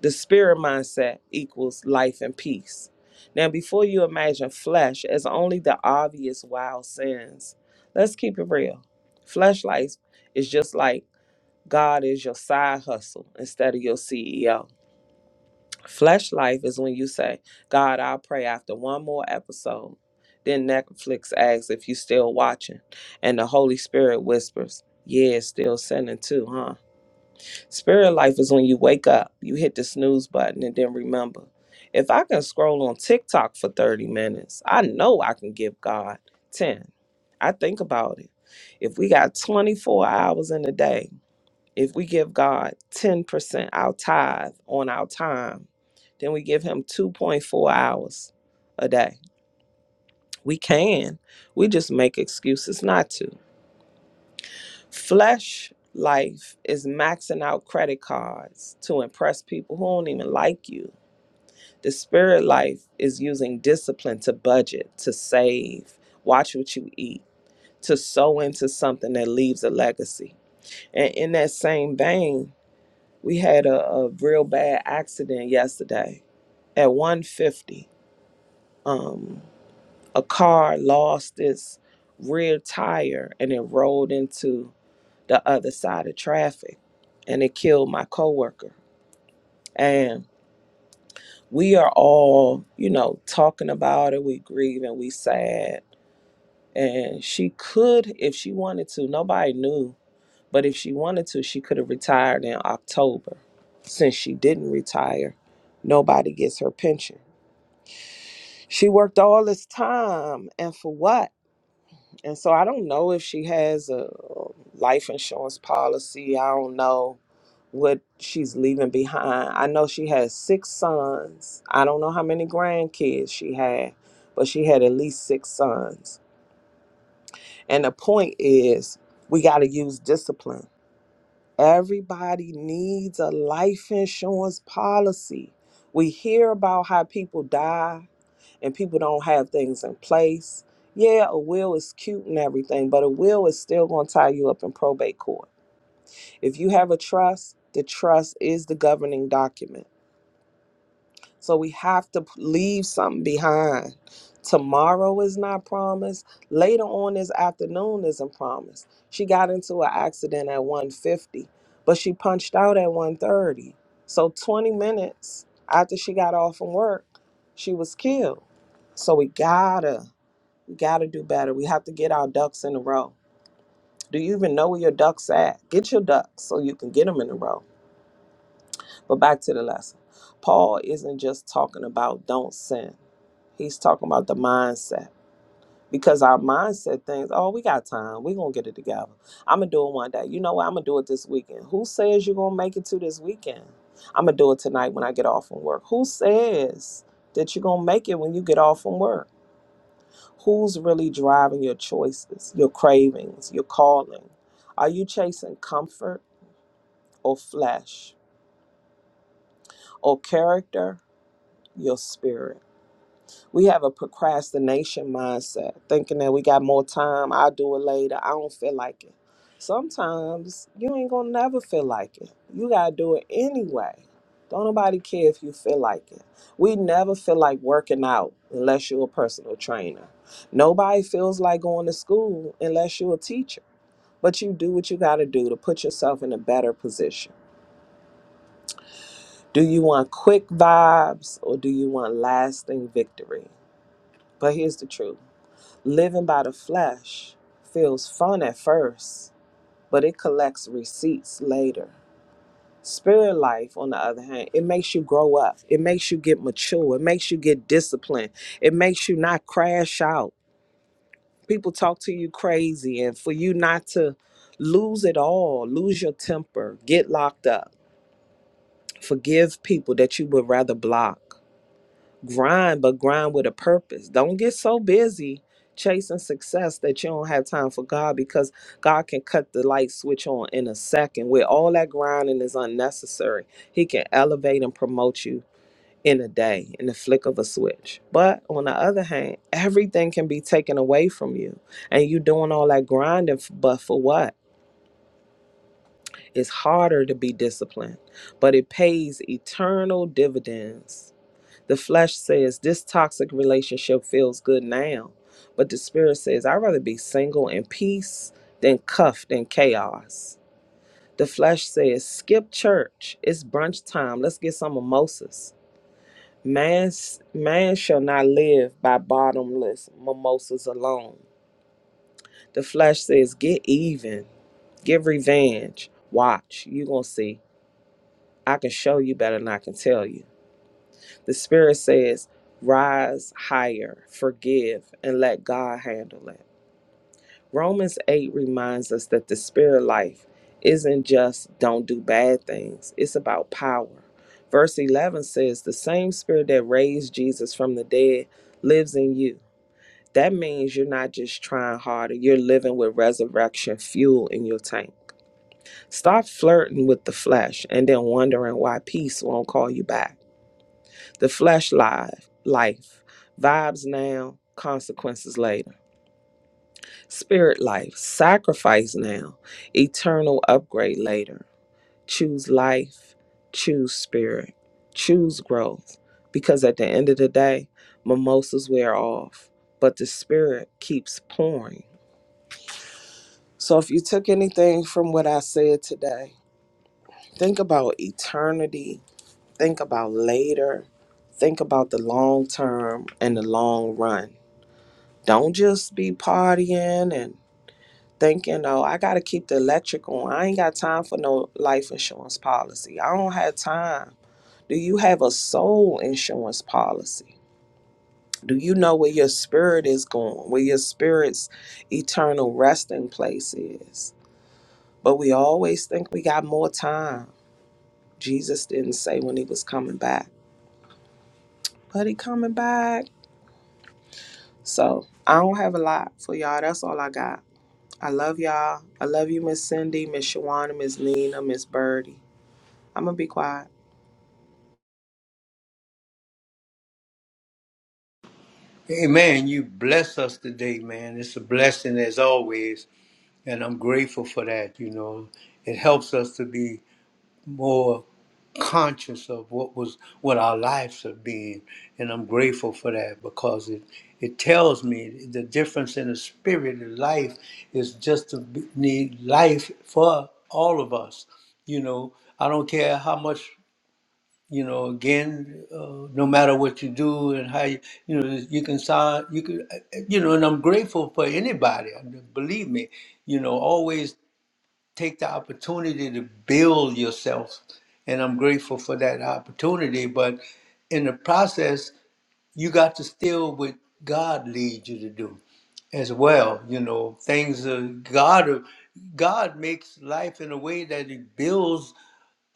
Speaker 3: The spirit mindset equals life and peace. Now, before you imagine flesh as only the obvious wild sins, let's keep it real. Flesh life is just like God is your side hustle instead of your CEO. Flesh life is when you say, God, I'll pray after one more episode. Then Netflix asks if you still watching. And the Holy Spirit whispers, Yeah, it's still sinning too, huh? Spirit life is when you wake up, you hit the snooze button, and then remember, if I can scroll on TikTok for 30 minutes, I know I can give God 10. I think about it. If we got 24 hours in a day, if we give God 10% our tithe on our time, then we give him 2.4 hours a day. We can. We just make excuses not to. Flesh life is maxing out credit cards to impress people who don't even like you. The spirit life is using discipline to budget, to save, watch what you eat, to sow into something that leaves a legacy. And in that same vein, We had a, a real bad accident yesterday at 150. Um, a car lost its rear tire and it rolled into the other side of traffic and it killed my coworker. And we are all, you know, talking about it. We grieve and we sad. And she could, if she wanted to, nobody knew But if she wanted to, she could have retired in October. Since she didn't retire, nobody gets her pension. She worked all this time and for what? And so I don't know if she has a um, life insurance policy. I don't know what she's leaving behind. I know she has six sons. I don't know how many grandkids she had, but she had at least six sons. And the point is, we got to use discipline Everybody needs a life insurance policy. We hear about how people die and people don't have things in place. Yeah, a will is cute and everything, but a will is still going to tie you up in probate court. If you have a trust, the trust is the governing document. So we have to p- leave something behind. Tomorrow is not promised. Later on this afternoon isn't promised. She got into an accident at 150, but she punched out at 130. So 20 minutes after she got off from work, she was killed. So we gotta, we gotta do better. We have to get our ducks in a row. Do you even know where your ducks at? Get your ducks so you can get them in a row but back to the lesson. Paul isn't just talking about don't sin. He's talking about the mindset. Because our mindset thinks, oh, we got time. We're going to get it together. I'm going to do it one day. You know what? I'm going to do it this weekend. Who says you're going to make it to this weekend? I'm going to do it tonight when I get off from work. Who says that you're going to make it when you get off from work? Who's really driving your choices, your cravings, your calling? Are you chasing comfort or flesh or character, your spirit? We have a procrastination mindset, thinking that we got more time, I'll do it later, I don't feel like it. Sometimes you ain't gonna never feel like it. You gotta do it anyway. Don't nobody care if you feel like it. We never feel like working out unless you're a personal trainer. Nobody feels like going to school unless you're a teacher but you do what you got to do to put yourself in a better position. Do you want quick vibes or do you want lasting victory? But here's the truth Living by the flesh feels fun at first, but it collects receipts later. Spirit life, on the other hand, it makes you grow up. It makes you get mature. It makes you get disciplined. It makes you not crash out. People talk to you crazy, and for you not to lose it all, lose your temper, get locked up, forgive people that you would rather block. grind, but grind with a purpose. Don't get so busy chasing success that you don't have time for God because God can cut the light switch on in a second where all that grinding is unnecessary. He can elevate and promote you in a day, in the flick of a switch. But on the other hand, everything can be taken away from you. And you doing all that grinding, f- but for what? It's harder to be disciplined, but it pays eternal dividends the flesh says, This toxic relationship feels good now. But the spirit says, I'd rather be single in peace than cuffed in chaos. The flesh says, Skip church. It's brunch time. Let's get some mimosas. Man, man shall not live by bottomless mimosas alone. The flesh says, Get even. Get revenge. Watch. you going to see. I can show you better than I can tell you. The Spirit says, rise higher, forgive, and let God handle it. Romans 8 reminds us that the spirit life isn't just don't do bad things, it's about power. Verse 11 says, the same spirit that raised Jesus from the dead lives in you. That means you're not just trying harder, you're living with resurrection fuel in your tank. Stop flirting with the flesh and then wondering why peace won't call you back the flesh life, life, vibes now, consequences later. Spirit life, sacrifice now, eternal upgrade later. Choose life, choose spirit, choose growth. Because at the end of the day, mimosas wear off, but the spirit keeps pouring. So if you took anything from what I said today, think about eternity, think about later, think about the long term and the long run Don't just be partying and thinking, oh, I got to keep the electric on. I ain't got time for no life insurance policy. I don't have time. Do you have a soul insurance policy? Do you know where your spirit is going, where your spirit's eternal resting place is? But we always think we got more time. Jesus didn't say when he was coming back, but he coming back. So I don't have a lot for y'all. That's all I got. I love y'all. I love you, Miss Cindy, Miss Shawana, Miss Nina, Miss Birdie. I'm gonna be quiet.
Speaker 1: Amen. You bless us today, man. It's a blessing as always. And I'm grateful for that. You know, it helps us to be more conscious of what was what our lives have been. And I'm grateful for that because it it tells me the difference in the spirit of life is just to be- need life for all of us. You know, I don't care how much you know again uh, no matter what you do and how you you know you can sign you can uh, uh, you know and i'm grateful for anybody and believe me you know always take the opportunity to build yourself and i'm grateful for that opportunity but in the process you got to still what god leads you to do as well you know things uh, god god makes life in a way that it builds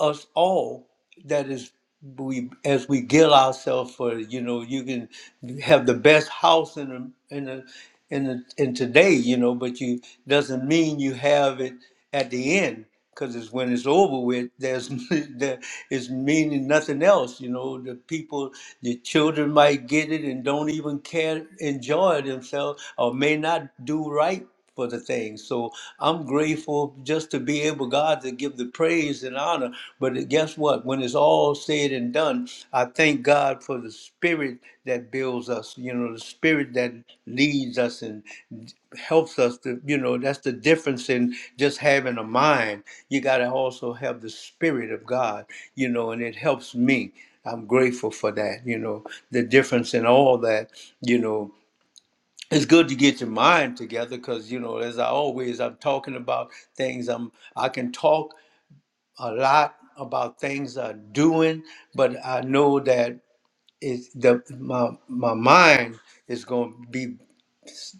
Speaker 1: us all that is we as we gill ourselves for you know you can have the best house in a, in a, in a, in today you know but you doesn't mean you have it at the end because it's when it's over with there's there is meaning nothing else you know the people the children might get it and don't even care enjoy themselves or may not do right for the thing. So I'm grateful just to be able, God, to give the praise and honor. But guess what? When it's all said and done, I thank God for the spirit that builds us, you know, the spirit that leads us and helps us to, you know, that's the difference in just having a mind. You got to also have the spirit of God, you know, and it helps me. I'm grateful for that, you know, the difference in all that, you know it's good to get your mind together because you know as i always i'm talking about things i'm i can talk a lot about things i'm doing but i know that it's the my my mind is going to be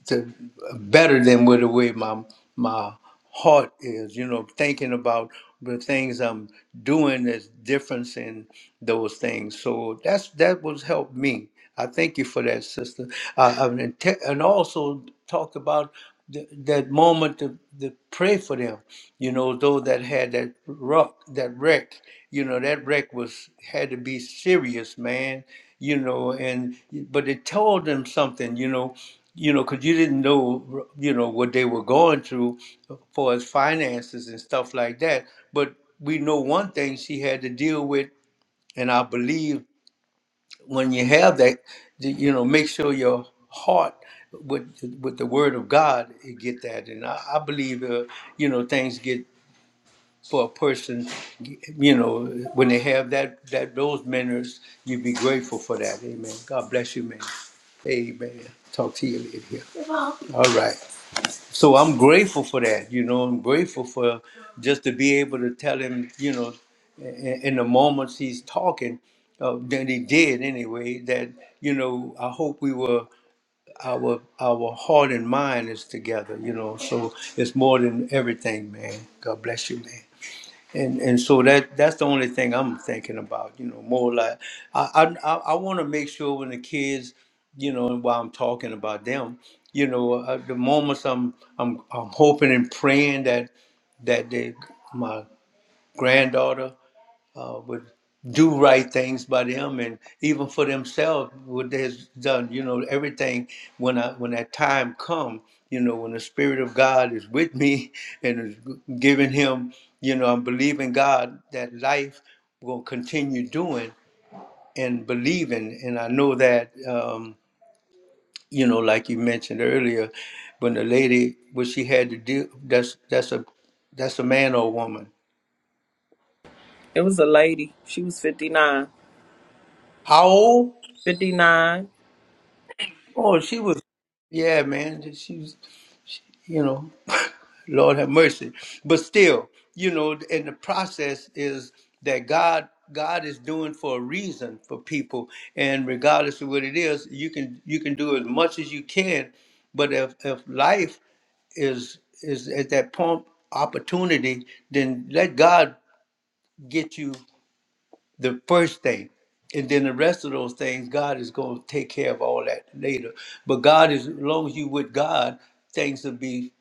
Speaker 1: to better than with the way my my heart is. You know, thinking about the things I'm doing, there's difference in those things. So that's that was helped me. I thank you for that, sister. Uh, I mean, te- and also talk about th- that moment to, to pray for them. You know, Though that had that rock, that wreck. You know, that wreck was had to be serious, man. You know, and but it told them something. You know, you know, because you didn't know, you know, what they were going through as far as finances and stuff like that. But we know one thing she had to deal with, and I believe when you have that, that, you know, make sure your heart with with the Word of God you get that, and I, I believe, uh, you know, things get for a person, you know, when they have that that those manners, you be grateful for that. Amen. God bless you, man. Amen. Talk to you later. All right so I'm grateful for that. You know, I'm grateful for just to be able to tell him, you know, in, in the moments he's talking, uh, that he did anyway. That you know, I hope we were our our heart and mind is together. You know, so it's more than everything, man. God bless you, man and and so that that's the only thing I'm thinking about. You know, more like I I I want to make sure when the kids, you know, and while I'm talking about them, you know, uh, the moments I'm I'm I'm hoping and praying that that they, my granddaughter uh, would do right things by them and even for themselves what they has done you know everything when i when that time come you know when the spirit of god is with me and is giving him you know i'm believing god that life will continue doing and believing and i know that um you know like you mentioned earlier when the lady what she had to do that's that's a that's a man or a woman
Speaker 3: It was a lady. She was 59.
Speaker 1: how old
Speaker 3: 59.
Speaker 1: Oh, she was, yeah, man. She was, she, you know, Lord have mercy. But still, you know, and the process is that God, God is doing for a reason for people, and regardless of what it is, you can you can do as much as you can. But if if life is is at that point opportunity, then let God get you the first thing. And then the rest of those things, God is going to take care of all that later. But God is, as long as you with God, things will be,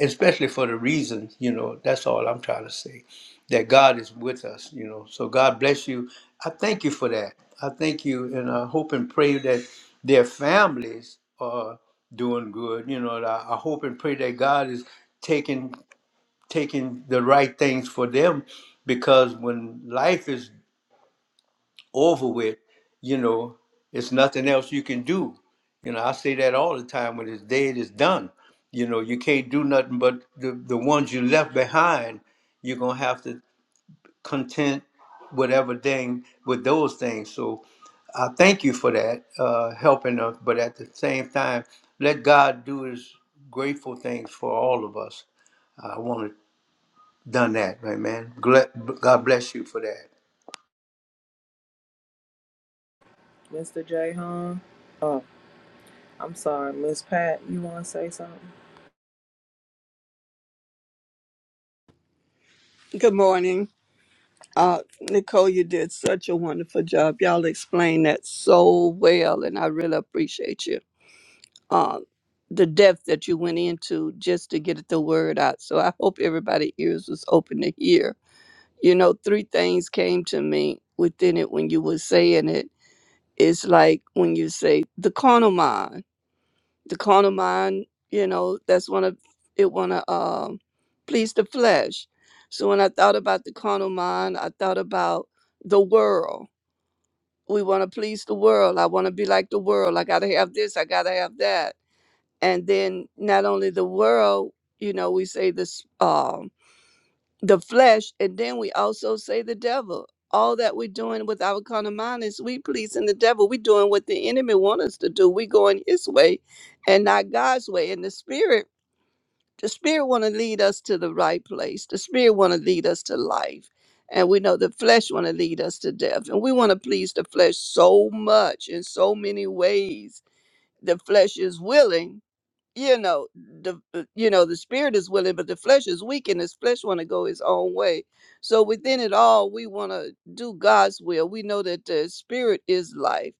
Speaker 1: especially for the reason, you know, that's all I'm trying to say, that God is with us, you know. So God bless you. I thank you for that. I thank you. And I hope and pray that their families are doing good. You know, and I, I hope and pray that God is taking taking the right things for them because when life is over with, you know, it's nothing else you can do. You know, I say that all the time. When it's dead, it's done. You know, you can't do nothing but the, the ones you left behind, you're gonna have to content whatever thing with those things. So I thank you for that, uh, helping us, but at the same time, let God do his grateful things for all of us. I want to done that, right, man? Gl- God bless you for that.
Speaker 3: Mr. J. Hahn. Oh, I'm sorry, Miss Pat. You wanna say something?
Speaker 4: Good morning. Uh, Nicole, you did such a wonderful job. Y'all explained that so well, and I really appreciate you. Um, the depth that you went into just to get the word out. So I hope everybody' ears was open to hear. You know, three things came to me within it when you were saying it. It's like when you say the carnal mind the carnal mind, you know, that's one of it wanna um please the flesh. So when I thought about the carnal mind, I thought about the world. We wanna please the world. I wanna be like the world. I gotta have this, I gotta have that. And then not only the world, you know, we say this Um, the flesh, and then we also say the devil. All that we're doing with our carnal mind is we pleasing the devil. We're doing what the enemy wants us to do. We're going his way and not God's way. And the spirit, the spirit want to lead us to the right place. The spirit want to lead us to life. And we know the flesh want to lead us to death. And we want to please the flesh so much in so many ways. The flesh is willing, you know the uh, you know the spirit is willing but the flesh is weak and his flesh want to go his own way so within it all we want to do god's will we know that the spirit is life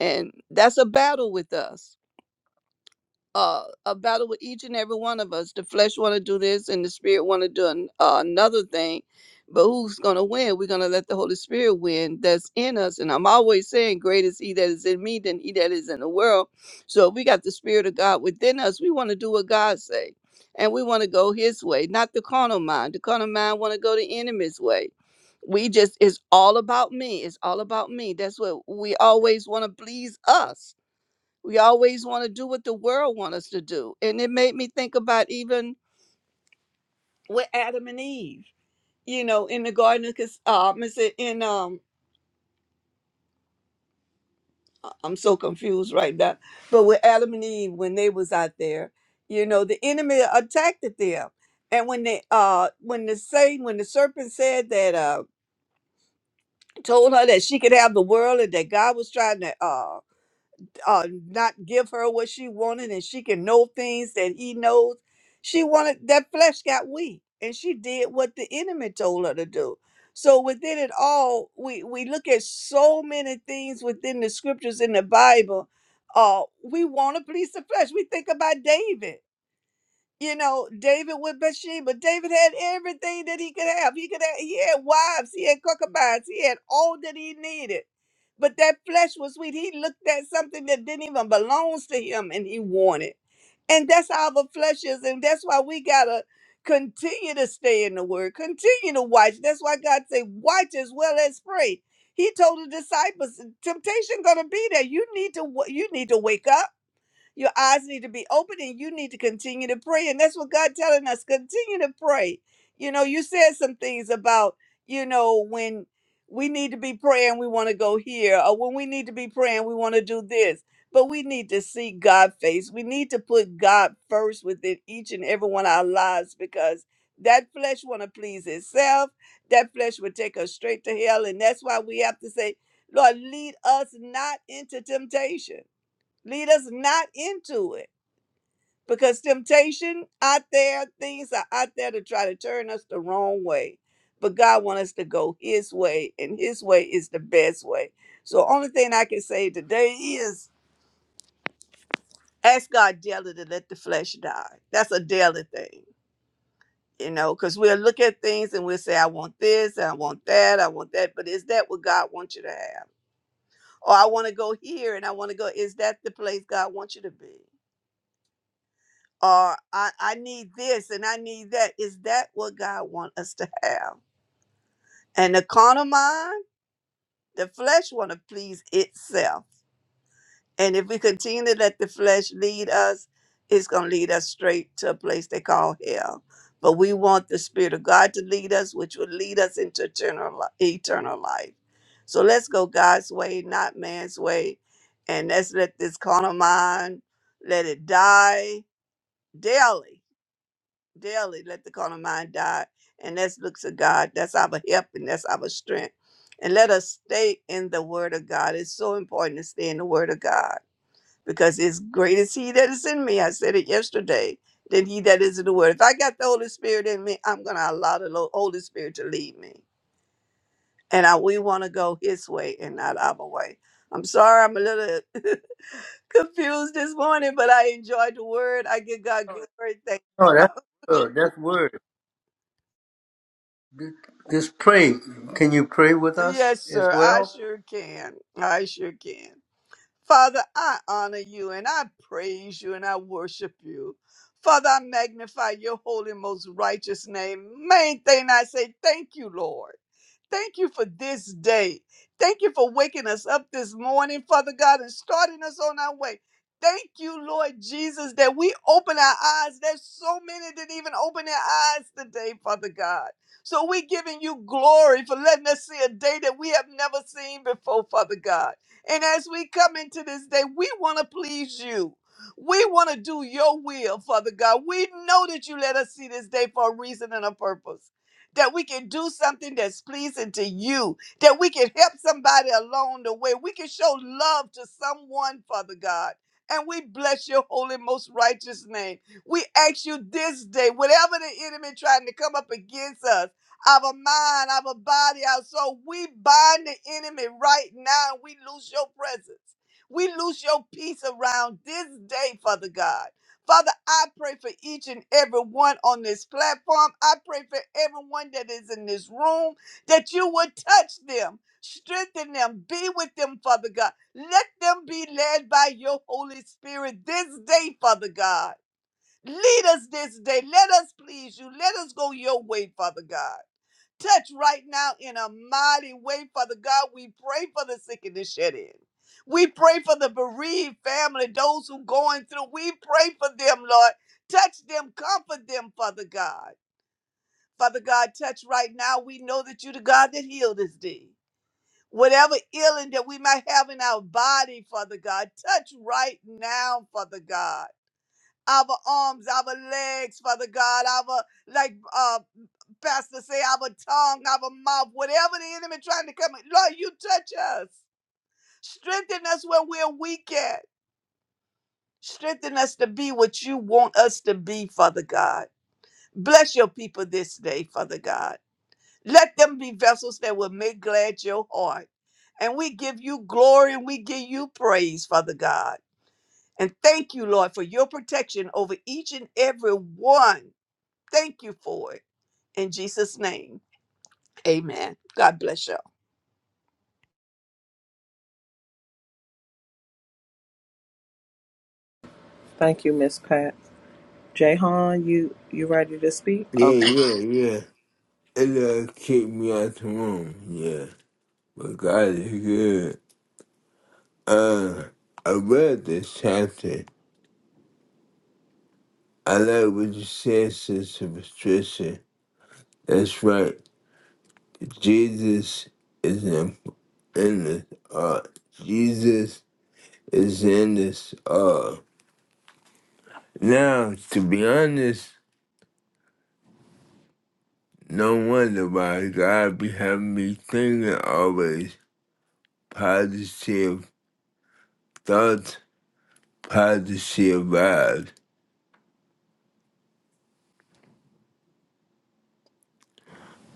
Speaker 4: and that's a battle with us uh, a battle with each and every one of us. The flesh want to do this, and the spirit want to do an, uh, another thing. But who's going to win? We're going to let the Holy Spirit win that's in us. And I'm always saying, greater is He that is in me than He that is in the world." So if we got the Spirit of God within us. We want to do what God say, and we want to go His way, not the carnal mind. The carnal mind want to go the enemy's way. We just it's all about me. It's all about me. That's what we always want to please us we always want to do what the world wants us to do and it made me think about even with adam and eve you know in the garden because um is it in um I- i'm so confused right now but with adam and eve when they was out there you know the enemy attacked them and when they uh when the satan when the serpent said that uh told her that she could have the world and that god was trying to uh uh, not give her what she wanted and she can know things that he knows. She wanted that flesh got weak and she did what the enemy told her to do. So within it all, we, we look at so many things within the scriptures in the Bible. Uh, we want to please the flesh. We think about David you know, David with Bathsheba. David had everything that he could have. He could have, he had wives, he had concubines, he had all that he needed. But that flesh was sweet. He looked at something that didn't even belong to him and he wanted. And that's how the flesh is. And that's why we gotta continue to stay in the word, continue to watch. That's why God say, watch as well as pray. He told the disciples, temptation gonna be there. You need to wa- you need to wake up. Your eyes need to be open and you need to continue to pray. And that's what God telling us. Continue to pray. You know, you said some things about, you know, when we need to be praying, we want to go here, or when we need to be praying, we want to do this. But we need to seek God face. We need to put God first within each and every one of our lives because that flesh want to please itself. That flesh would take us straight to hell. And that's why we have to say, Lord, lead us not into temptation Lead us not into it because temptation out there, things are out there to try to turn us the wrong way. But God wants us to go His way, and His way is the best way. So, only thing I can say today is ask God daily to let the flesh die. That's a daily thing, you know, because we'll look at things and we'll say, I want this, and I want that, I want that. But is that what God wants you to have? Or I want to go here and I want to go, is that the place God wants you to be? or I, I need this and I need that. Is that what God want us to have? And the carnal mind, the flesh want to please itself. And if we continue to let the flesh lead us, it's going to lead us straight to a place they call hell. But we want the Spirit of God to lead us, which will lead us into eternal, li- eternal life. So let's go God's way, not man's way. And let's let this carnal mind, let it die daily daily let the carnal mind die and that's looks of god that's our help and that's our strength and let us stay in the word of god it's so important to stay in the word of god because it's great is he that is in me i said it yesterday than he that is in the word if i got the holy spirit in me i'm going to allow the Lo- holy spirit to lead me and I, we want to go his way and not our way i'm sorry i'm a little confused this morning but i enjoyed the word i give god glory thank
Speaker 1: Oh,
Speaker 4: you
Speaker 1: that's good. That's word. Just pray. Can you pray with us
Speaker 4: Yes,
Speaker 1: as
Speaker 4: sir. I
Speaker 1: well?
Speaker 4: sure can. I sure can. Father, I honor you and I praise you and I worship you. Father, I magnify your holy, most righteous name. Main thing I say, thank you, Lord. Thank you for this day. Thank you for waking us up this morning, Father God, and starting us on our way. Thank you, Lord Jesus, that we open our eyes. There's so many that even open their eyes today, Father God. So we're giving you glory for letting us see a day that we have never seen before, Father God. And as we come into this day, we want to please you. We want to do your will, Father God. We know that you let us see this day for a reason and a purpose. That we can do something that's pleasing to you, that we can help somebody along the way. We can show love to someone, Father God. And we bless your holy, most righteous name. We ask you this day, whatever the enemy trying to come up against us our mind, our body, our soul. We bind the enemy right now. We lose your presence. We lose your peace around this day, Father God. Father, I pray for each and every one on this platform. I pray for everyone that is in this room that you would touch them, strengthen them, be with them, Father God. Let them be led by your Holy Spirit this day, Father God. Lead us this day. Let us please you. Let us go your way, Father God. Touch right now in a mighty way, Father God. We pray for the sick and the shed in. We pray for the bereaved family, those who going through. We pray for them, Lord. Touch them, comfort them, Father God. Father God, touch right now. We know that you the God that healed us thee. Whatever ailing that we might have in our body, Father God, touch right now, Father God our arms, our legs, Father God, our like uh pastor say, our tongue, our mouth, whatever the enemy trying to come. Lord, you touch us. Strengthen us when we're weak at. Strengthen us to be what you want us to be, Father God. Bless your people this day, Father God. Let them be vessels that will make glad your heart. And we give you glory and we give you praise, Father God. And thank you, Lord, for your protection over each and every one Thank you for it. In Jesus' name, amen. God bless you. all
Speaker 3: Thank you, Miss Pat. Jay Hahn, you you ready to speak?
Speaker 2: Yeah,
Speaker 3: Okay.
Speaker 2: yeah, yeah. It'll kick me out the room. Yeah. But God is good. Uh, I read this chapter. I like what you said, Sister Patricia. That's right. Jesus is in, in the art. Jesus is in this. Uh, now, to be honest, no wonder why God be having me thinking always positive thoughts, positive vibes.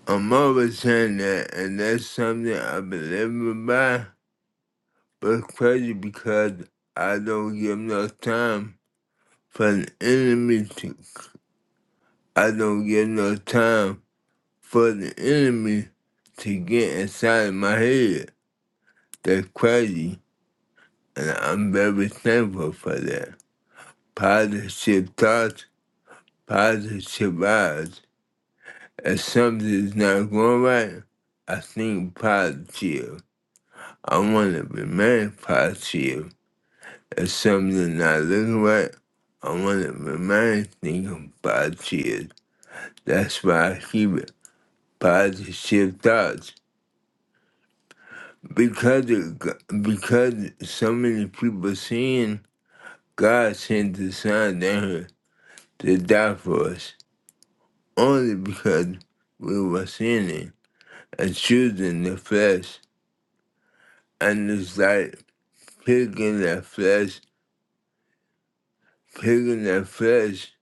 Speaker 2: I'm always saying that, and that's something I've been living by. But it's crazy because I don't give no time for the enemy to. I don't give no time for the enemy to get inside my head. That's crazy. And I'm very thankful for that. Positive thoughts, positive vibes. If something's not going right, I think positive. I want to remain positive. If something's not looking right, I want to remain thinking positive. That's why I keep it positive thoughts. Because of, G- because so many people seeing God sent His Son down here to die for us. only because we were sinning and choosing the flesh. And it's like picking that flesh, picking that flesh,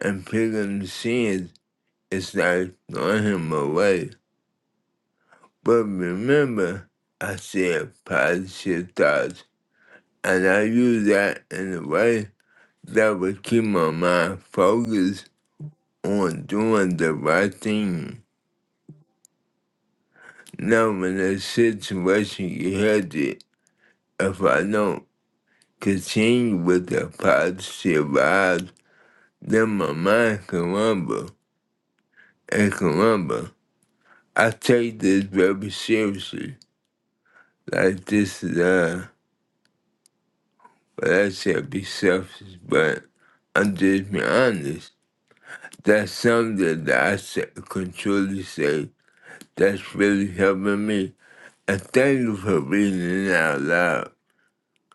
Speaker 2: and picking the sins. It's like throwing him away. But remember, I said positive thoughts, and I use that in a way that would keep my mind focused on doing the right thing. Now, when the situation gets hectic, if I don't. continue with the positive vibes, then my mind can rumble and can rumble. I take this very seriously. Like this is uh but I said be selfish, but I'm just being honest. That's something that I sa- can truly say that's really helping me. And thank you for reading it out loud.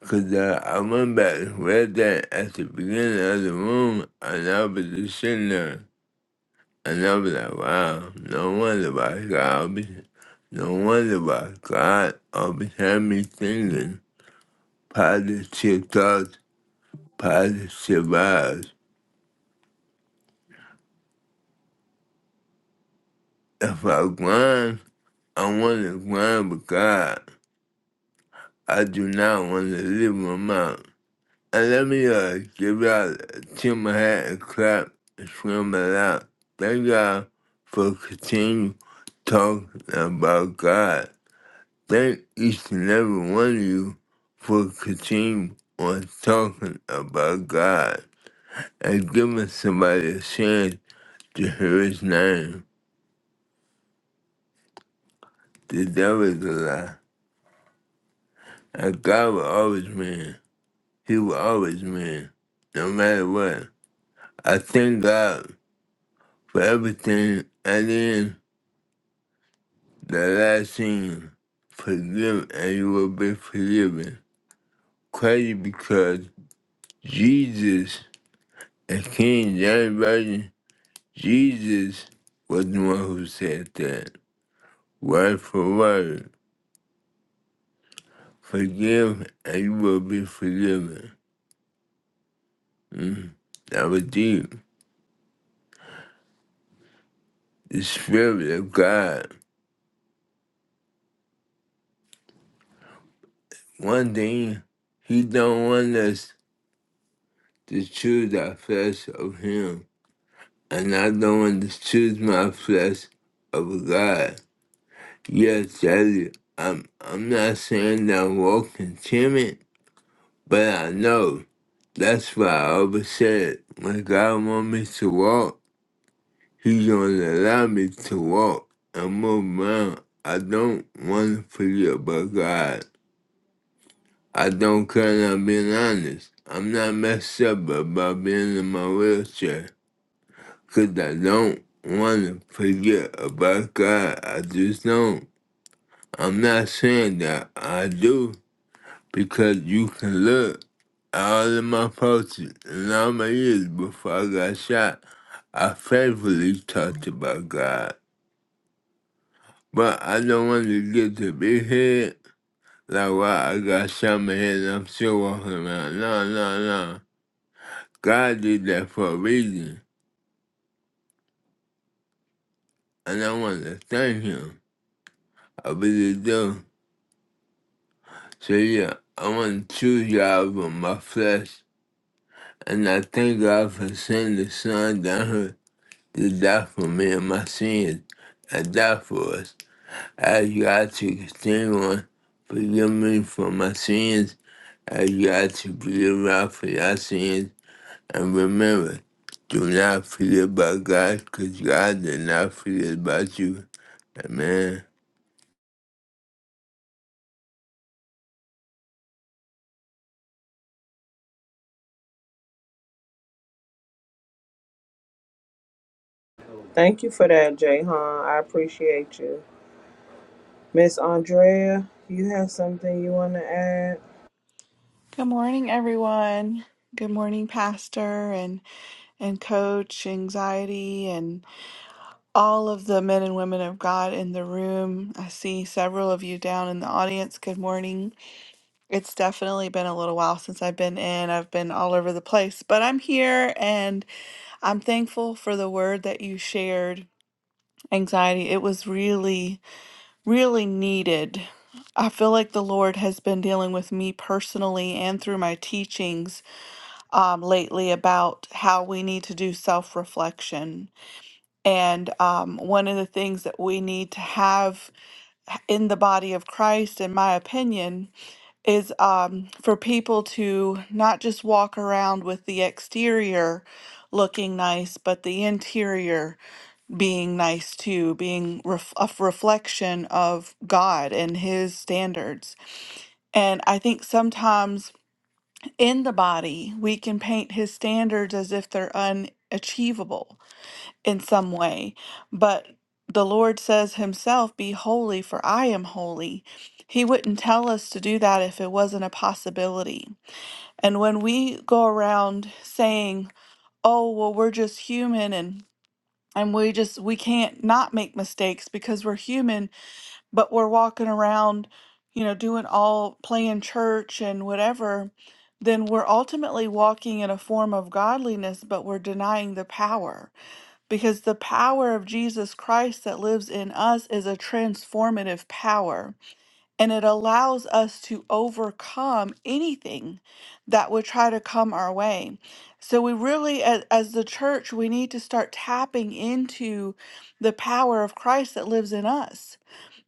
Speaker 2: Cause uh, I went back and read that at the beginning of the room and I was just sitting there. And I'll be like, wow, no wonder why God be, no wonder why God always had me thinking positive thoughts, positive vibes. If I grind, I want to grind with God. I do not want to leave him out. And let me uh, give y'all a tip my hat and clap and swim it out. Thank y'all for continuing talking about God. Thank each and every one of you for continuing on talking about God and giving somebody a chance to hear his name. The devil is a lie. And God will always win. He will always win, no matter what. I thank God for everything. And then the last thing, forgive and you will be forgiven. Crazy because Jesus, the King James Version, Jesus was the one who said that. Word for word. Forgive and you will be forgiven. Mm, That was deep. The Spirit of God. One thing, He don't want us to choose our flesh of Him. And I don't want to choose my flesh of God. Yes, that is, I'm, I'm not saying that I'm walking timid, but I know. That's why I always said when God want me to walk, He gonna allow me to walk and move around. I don't want to forget about God. I don't care. I'm being honest. I'm not messed up about being in my wheelchair, 'cause I don't want to forget about God. I just don't. I'm not saying that I do. because you can look at all of my posts and all my years before I got shot. I faithfully talked about God, but I don't want to get to big head like why I got shot in my head and I'm still walking around. No, no, no. God did that for a reason, and I want to thank Him. I really do. So yeah, I want to choose y'all over my flesh, and I thank God for sending the Son down here to die for me and my sins and die for us. I ask God to continue on, forgive me for my sins. I ask God to forgive me for your sins. And remember, do not forget about God, because God did not forget about you. Amen.
Speaker 3: Thank you for that, Jay Hahn. I appreciate you. Miss Andrea, you have something you wanna add?
Speaker 5: Good morning, everyone. Good morning, Pastor and and Coach, Anxiety, and all of the men and women of God in the room. I see several of you down in the audience. Good morning. It's definitely been a little while since I've been in. I've been all over the place, but I'm here and I'm thankful for the word that you shared, Anxiety. It was really, really needed. I feel like the Lord has been dealing with me personally and through my teachings um, lately about how we need to do self reflection. And um, one of the things that we need to have in the body of Christ, in my opinion, is um, for people to not just walk around with the exterior looking nice, but the interior being nice too, being ref- a reflection of God and His standards. And I think sometimes in the body, we can paint his standards as if they're unachievable in some way. But the Lord says himself, Be holy, for I am holy. He wouldn't tell us to do that if it wasn't a possibility. And when we go around saying, Oh, well, we're just human and and we just we can't not make mistakes because we're human but we're walking around, you know, doing all playing church and whatever, then we're ultimately walking in a form of godliness, but we're denying the power because the power of Jesus Christ that lives in us is a transformative power and it allows us to overcome anything that would try to come our way. So, we really, as, as the church, we need to start tapping into the power of Christ that lives in us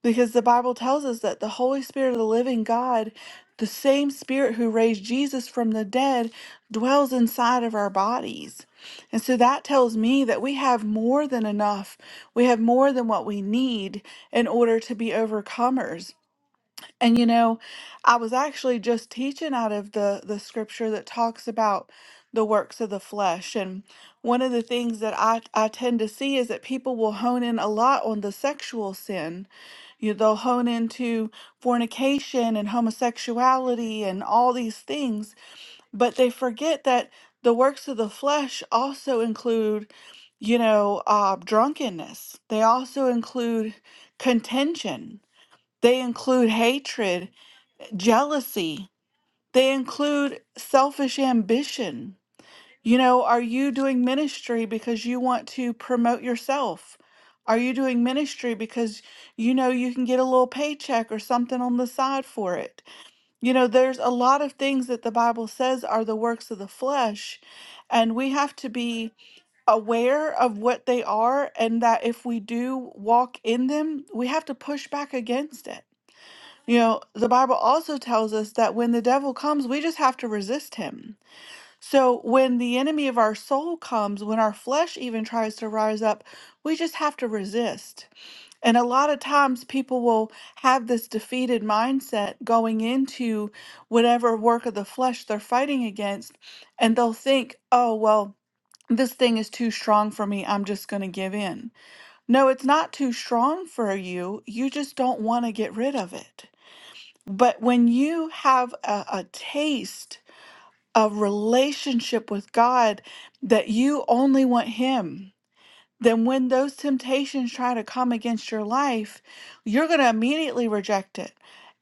Speaker 5: because the Bible tells us that the Holy Spirit of the living God, the same Spirit who raised Jesus from the dead, dwells inside of our bodies. And so that tells me that we have more than enough. We have more than what we need in order to be overcomers and you know, I was actually just teaching out of the the scripture that talks about the works of the flesh. And one of the things that I I tend to see is that people will hone in a lot on the sexual sin. You they'll hone into fornication and homosexuality and all these things, but they forget that the works of the flesh also include, you know, uh, drunkenness. They also include contention. They include hatred jealousy. They include selfish ambition. You know, are you doing ministry because you want to promote yourself? Are you doing ministry because you know you can get a little paycheck or something on the side for it? You know, there's a lot of things that the Bible says are the works of the flesh, and we have to be aware of what they are, and that if we do walk in them, we have to push back against it you know, the Bible also tells us that when the devil comes, we just have to resist him. So when the enemy of our soul comes, when our flesh even tries to rise up, we just have to resist. And a lot of times people will have this defeated mindset going into whatever work of the flesh they're fighting against, and they'll think, oh, well, this thing is too strong for me. I'm just going to give in. No, it's not too strong for you. You just don't want to get rid of it. But when you have a, a taste of relationship with God that you only want Him, then when those temptations try to come against your life, you're going to immediately reject it.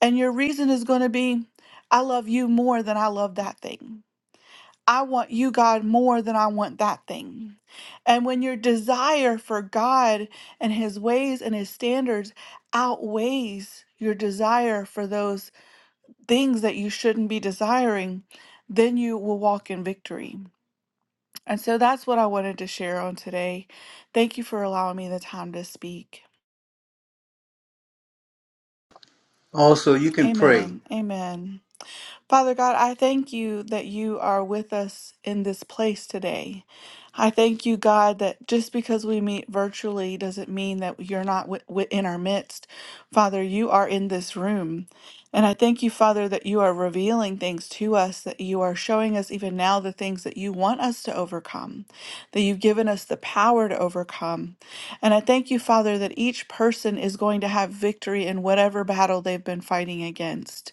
Speaker 5: And your reason is going to be, I love you more than I love that thing. I want you, God, more than I want that thing. And when your desire for God and His ways and His standards outweighs your desire for those things that you shouldn't be desiring, then you will walk in victory. And so that's what I wanted to share on today. Thank you for allowing me the time to speak.
Speaker 1: Also, you can pray.
Speaker 5: Amen. Amen. Father God, I thank you that you are with us in this place today. I thank you, God, that just because we meet virtually doesn't mean that you're not wi- wi- in our midst. Father, you are in this room. And I thank you, Father, that you are revealing things to us, that you are showing us even now the things that you want us to overcome, that you've given us the power to overcome. And I thank you, Father, that each person is going to have victory in whatever battle they've been fighting against.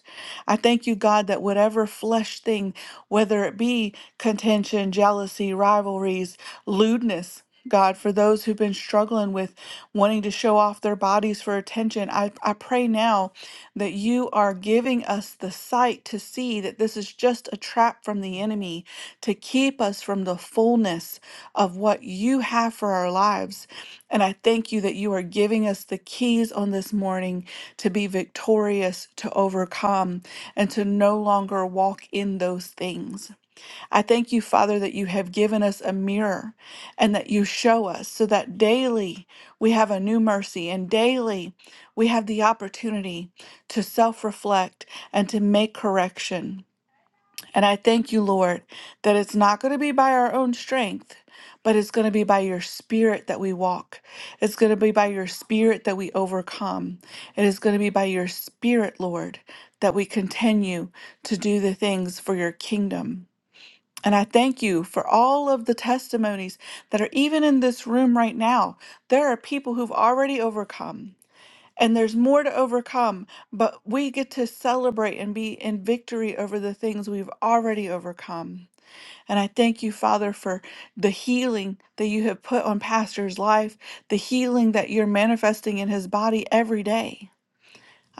Speaker 5: I thank you, God, that whatever flesh thing, whether it be contention, jealousy, rivalries, lewdness, God, for those who've been struggling with wanting to show off their bodies for attention, I, I pray now that you are giving us the sight to see that this is just a trap from the enemy to keep us from the fullness of what you have for our lives. And I thank you that you are giving us the keys on this morning to be victorious, to overcome and to no longer walk in those things. I thank you, Father, that you have given us a mirror and that you show us so that daily we have a new mercy and daily we have the opportunity to self reflect and to make correction. And I thank you, Lord, that it's not going to be by our own strength, but it's going to be by your spirit that we walk. It's going to be by your spirit that we overcome. It is going to be by your spirit, Lord, that we continue to do the things for your kingdom. And I thank you for all of the testimonies that are even in this room right now. There are people who've already overcome and there's more to overcome, but we get to celebrate and be in victory over the things we've already overcome. And I thank you, Father, for the healing that you have put on Pastor's life, the healing that you're manifesting in his body every day.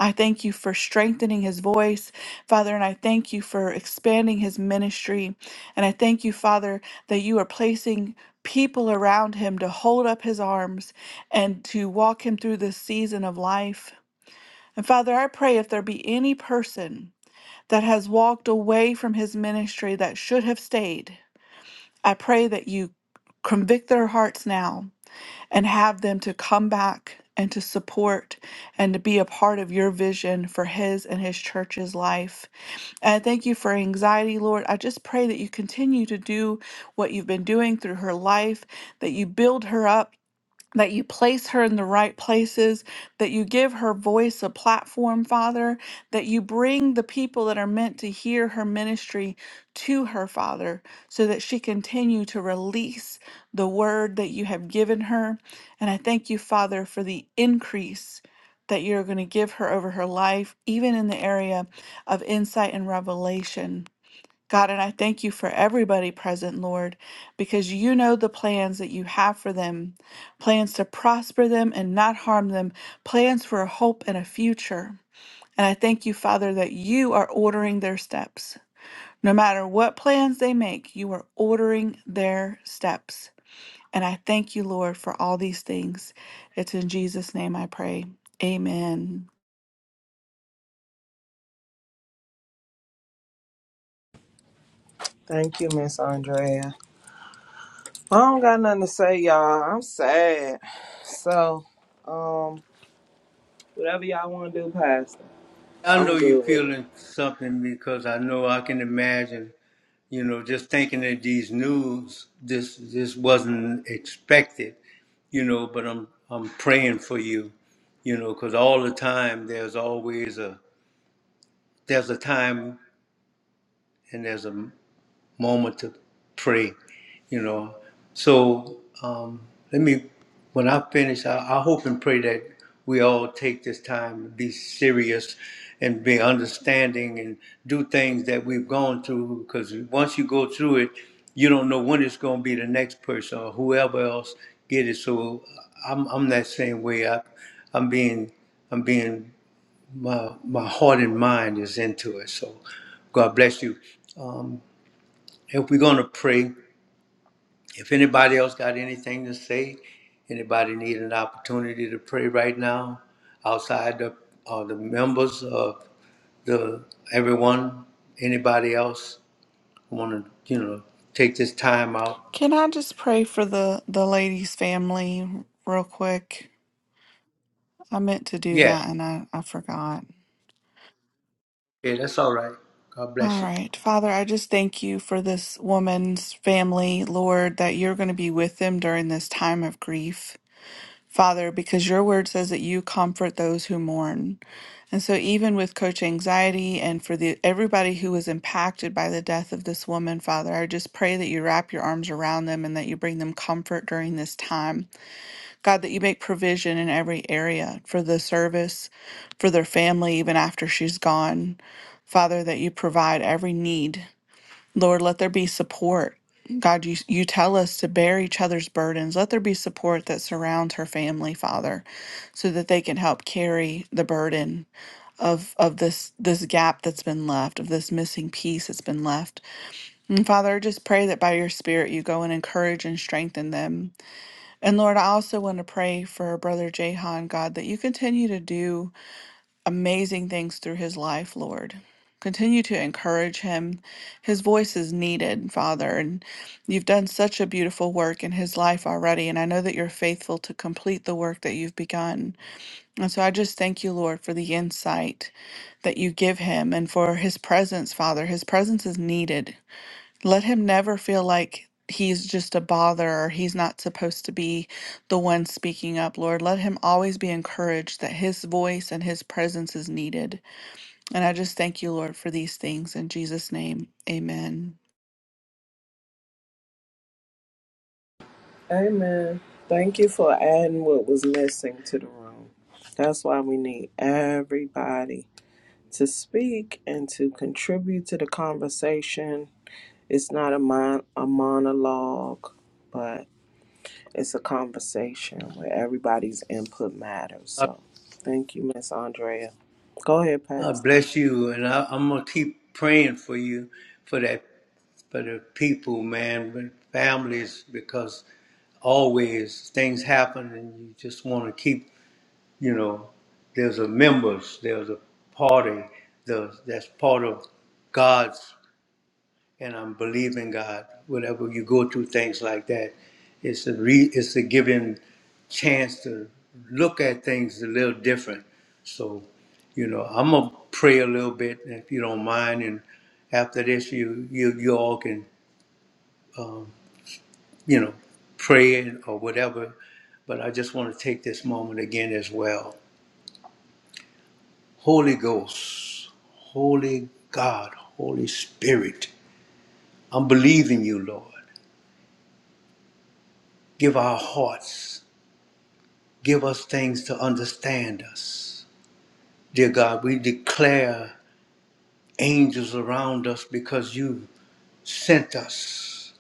Speaker 5: I thank you for strengthening his voice, Father, and I thank you for expanding his ministry. And I thank you, Father, that you are placing people around him to hold up his arms and to walk him through this season of life. And Father, I pray if there be any person that has walked away from his ministry that should have stayed, I pray that you convict their hearts now and have them to come back and to support and to be a part of your vision for his and his church's life. And I thank you for anxiety, Lord. I just pray that you continue to do what you've been doing through her life, that you build her up that you place her in the right places, that you give her voice a platform, Father, that you bring the people that are meant to hear her ministry to her, Father, so that she continue to release the word that you have given her. And I thank you, Father, for the increase that you're going to give her over her life, even in the area of insight and revelation. God, and I thank you for everybody present, Lord, because you know the plans that you have for them plans to prosper them and not harm them, plans for a hope and a future. And I thank you, Father, that you are ordering their steps. No matter what plans they make, you are ordering their steps. And I thank you, Lord, for all these things. It's in Jesus' name I pray. Amen.
Speaker 3: Thank you, Miss Andrea. I don't got nothing to say, y'all. I'm sad. So, um, whatever y'all want to do, Pastor,
Speaker 1: I know
Speaker 3: I'm
Speaker 1: you're
Speaker 3: good with it.
Speaker 1: feeling something because I know I can imagine, you know, just thinking that these news, this this wasn't expected, you know, but I'm I'm praying for you, you know, because all the time there's always a there's a time and there's a moment to pray, you know. So um, let me, when I finish, I, I hope and pray that we all take this time to be serious and be understanding and do things that we've gone through because once you go through it, you don't know when it's going to be the next person or whoever else get it. So I'm, I'm that same way. I, I'm being, I'm being, my, my heart and mind is into it. So God bless you. Um, if we're going to pray, if anybody else got anything to say, anybody need an opportunity to pray right now outside the uh, the members of the everyone, anybody else want to you know take this time out?
Speaker 5: Can I just pray for the, the lady's family real quick? I meant to do
Speaker 1: Yeah,
Speaker 5: that and I, I forgot.
Speaker 1: yeah, that's all right. God
Speaker 5: All
Speaker 1: bless you.
Speaker 5: right. Father, I just thank you for this woman's family, Lord, that you're going to be with them during this time of grief. Father, because your word says that you comfort those who mourn. And so even with coach anxiety and for the everybody who was impacted by the death of this woman, Father, I just pray that you wrap your arms around them and that you bring them comfort during this time. God, that you make provision in every area for the service, for their family even after she's gone. Father, that you provide every need. Lord, let there be support. God, you, you tell us to bear each other's burdens. Let there be support that surrounds her family, Father, so that they can help carry the burden of of this this gap that's been left, of this missing piece that's been left. And Father, I just pray that by your spirit you go and encourage and strengthen them. And Lord, I also want to pray for our brother Jahan, God, that you continue to do amazing things through his life, Lord. Continue to encourage him. His voice is needed, Father, and you've done such a beautiful work in his life already. And I know that you're faithful to complete the work that you've begun. And so I just thank you, Lord, for the insight that you give him and for his presence, Father. His presence is needed let him never feel like he's just a bother or he's not supposed to be the one speaking up, Lord. Let him always be encouraged that his voice and his presence is needed. And I just thank you, Lord, for these things. In Jesus' name, amen.
Speaker 3: Amen. Thank you for adding what was missing to the room. That's why we need everybody to speak and to contribute to the conversation. It's not a mon- a monologue, but it's a conversation where everybody's input matters.
Speaker 1: Uh,
Speaker 3: So, thank you, Miss Andrea. Go ahead,
Speaker 1: God
Speaker 3: Pastor.
Speaker 1: bless you, and I, I'm gonna keep praying for you, for that, for the people, man, with families, because always things happen, and you just want to keep you know there's a members there's a party there's, that's part of god's and i'm believing god whenever you go through things like that it's a re it's a given chance to look at things a little different so you know i'm gonna pray a little bit if you don't mind and after this you you you all can um, you know pray and- or whatever but i just want to take this moment again as well Holy Ghost, Holy God, Holy Spirit, I'm believing you, Lord. Give our hearts, give us things to understand us. Dear God, we declare angels around us because you sent us.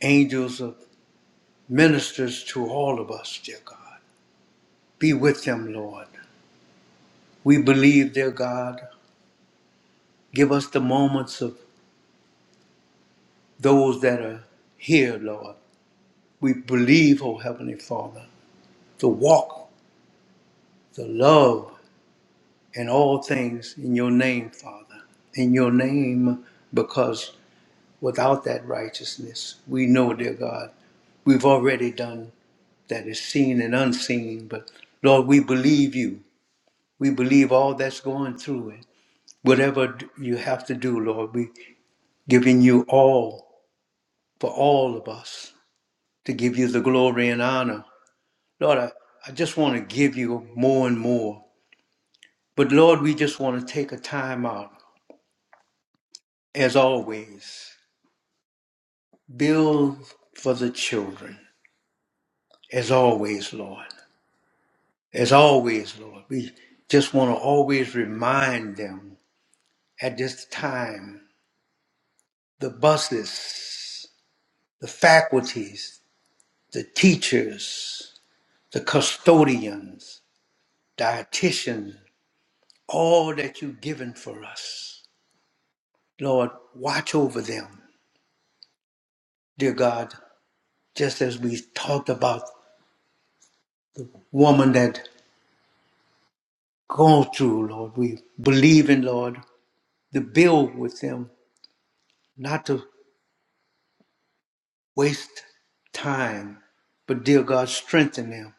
Speaker 1: Angels of ministers to all of us, dear God. Be with them, Lord. We believe, dear God. Give us the moments of those that are here, Lord. We believe, O Heavenly Father. the walk, the love, and all things in your name, Father, in your name, because without that righteousness, we know, dear God, we've already done that is seen and unseen. But Lord, we believe you. We believe all that's going through it. Whatever d- you have to do, Lord, we giving you all for all of us to give you the glory and honor. Lord, I, I just want to give you more and more. But Lord, we just want to take a time out, as always. Build for the children, as always, Lord. As always, Lord. We just want to always remind them at this time the buses, the faculties, the teachers, the custodians, dietitians, all that you've given for us. Lord, watch over them, dear God, just as we talked about woman that gone through, Lord. We believe in, Lord, to build with them, not to waste time, but dear God, strengthen them.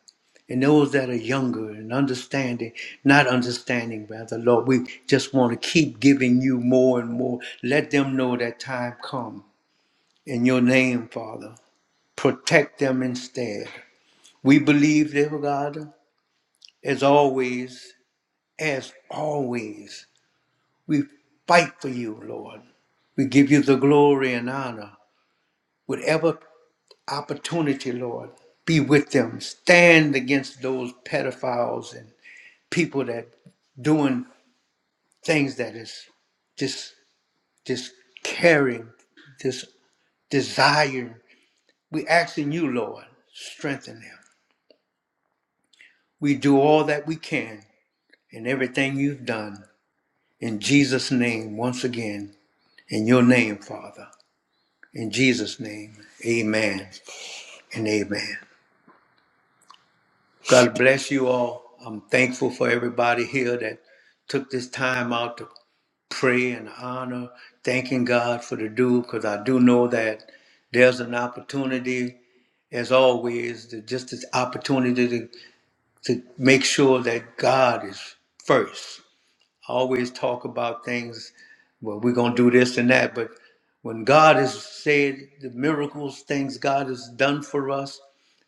Speaker 1: And those that are younger and understanding, not understanding, rather, Lord, we just want to keep giving you more and more. Let them know that time come. In your name, Father, protect them instead. We believe, dear God, as always, as always. We fight for you, Lord. We give you the glory and honor. Whatever opportunity, Lord, be with them. Stand against those pedophiles and people that doing things that is just just caring, just desiring. We asking you, Lord, strengthen them. We do all that we can in everything you've done. In Jesus' name, once again, in your name, Father. In Jesus' name, amen. and amen. God bless you all. I'm thankful for everybody here that took this time out to pray and honor, thanking God for the do, because I do know that there's an opportunity, as always, to just this opportunity to, to make sure that God is first. always talk about things, well, we're going to do this and that. But when God has said the miracles, things God has done for us,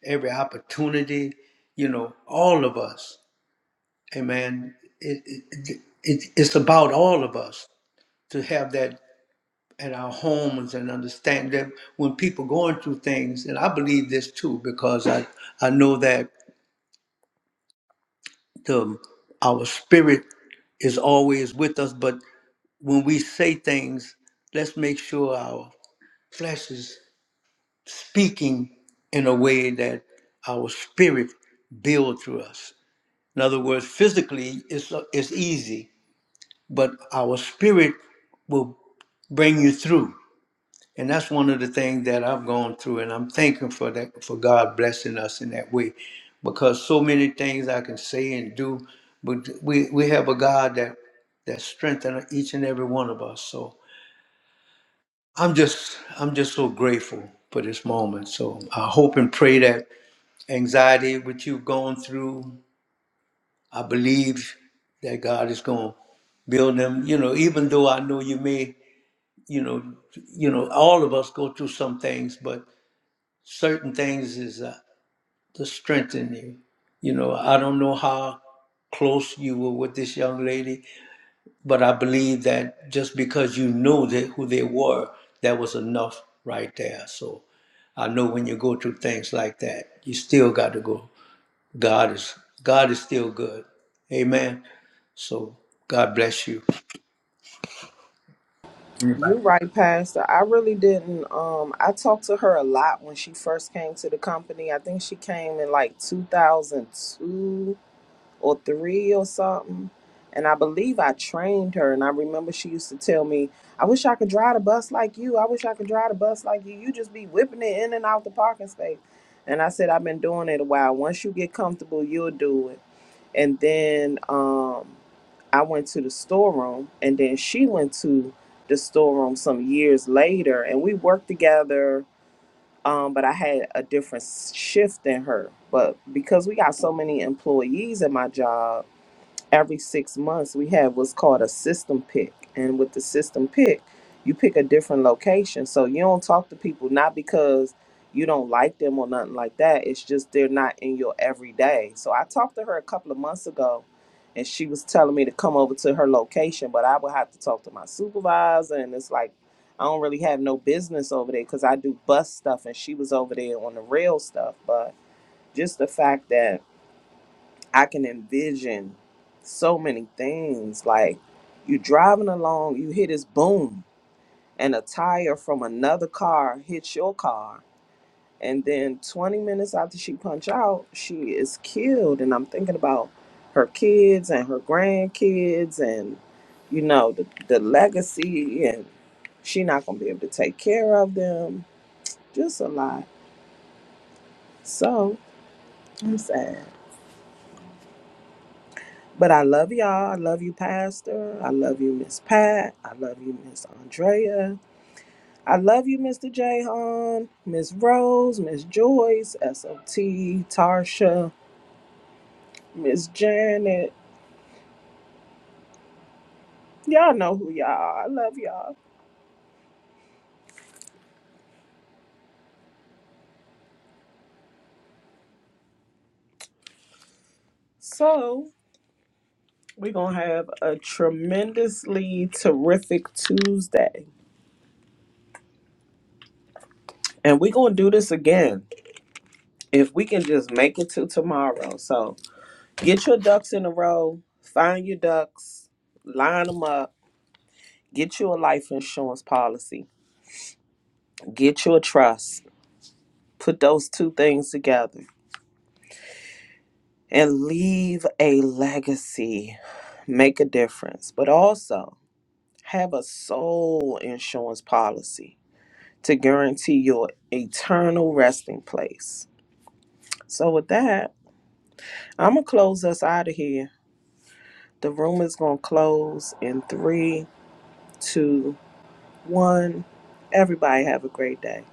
Speaker 1: every opportunity, you know, all of us, amen, it, it, it, it's about all of us to have that at our homes and understand that when people going through things, and I believe this too, because I, I know that the, our spirit is always with us, but when we say things, let's make sure our flesh is speaking in a way that our spirit builds through us. In other words, physically it's it's easy, but our spirit will bring you through. And that's one of the things that I've gone through, and I'm thankful for that for God blessing us in that way, because so many things I can say and do, but we we have a God that that strengthens each and every one of us. So I'm just I'm just so grateful for this moment. So I hope and pray that anxiety which you've gone through, I believe that God is going to build them. You know, even though I know you may, you know, you know, all of us go through some things, but certain things is uh, to strengthen you. You know, I don't know how close you were with this young lady, But I believe that just because you know that who they were, that was enough right there. So I know when you go through things like that, you still got to go. God is God is still good. Amen. So God bless you. Anybody
Speaker 3: You're right, Pastor. I really didn't. Um, I talked to her a lot when she first came to the company. I think she came in like 2002 or three or something. And I believe I trained her. And I remember she used to tell me, I wish I could drive the bus like you. I wish I could drive the bus like you. You just be whipping it in and out the parking space. And I said, I've been doing it a while. Once you get comfortable, you'll do it and then um, I went to the storeroom, and then she went to the storeroom some years later, and we worked together. Um, but I had a different shift than her. But because we got so many employees at my job, every six months we have what's called a system pick and with the system pick you pick a different location so you don't talk to people not because you don't like them or nothing like that it's just they're not in your everyday so i talked to her a couple of months ago and she was telling me to come over to her location but i would have to talk to my supervisor and it's like i don't really have no business over there because i do bus stuff and she was over there on the rail stuff but just the fact that I can envision so many things. Like you driving along, you hear this boom, and a tire from another car hits your car. And then 20 minutes after she punch out, she is killed. And I'm thinking about her kids and her grandkids and, you know, the, the legacy and she not going to be able to take care of them. Just a lot. So I'm sad. But I love y'all. I love you, Pastor. I love you, Miss Pat. I love you, Miss Andrea. I love you, Mr. Jahan, Miss Rose, Miss Joyce, SOT, Tarsha, Miss Janet. Y'all know who y'all are. I love y'all. So we're gonna have a tremendously terrific Tuesday. And we're gonna do this again if we can just make it to tomorrow. So get your ducks in a row, find your ducks, line them up Get you a life insurance policy, get you a trust, put those two things together, and leave a legacy. Make a difference, but also have a soul insurance policy to guarantee your eternal resting place. So, with that, I'm going to close us out of here. The room is going to close in three, two, one. Everybody, have a great day.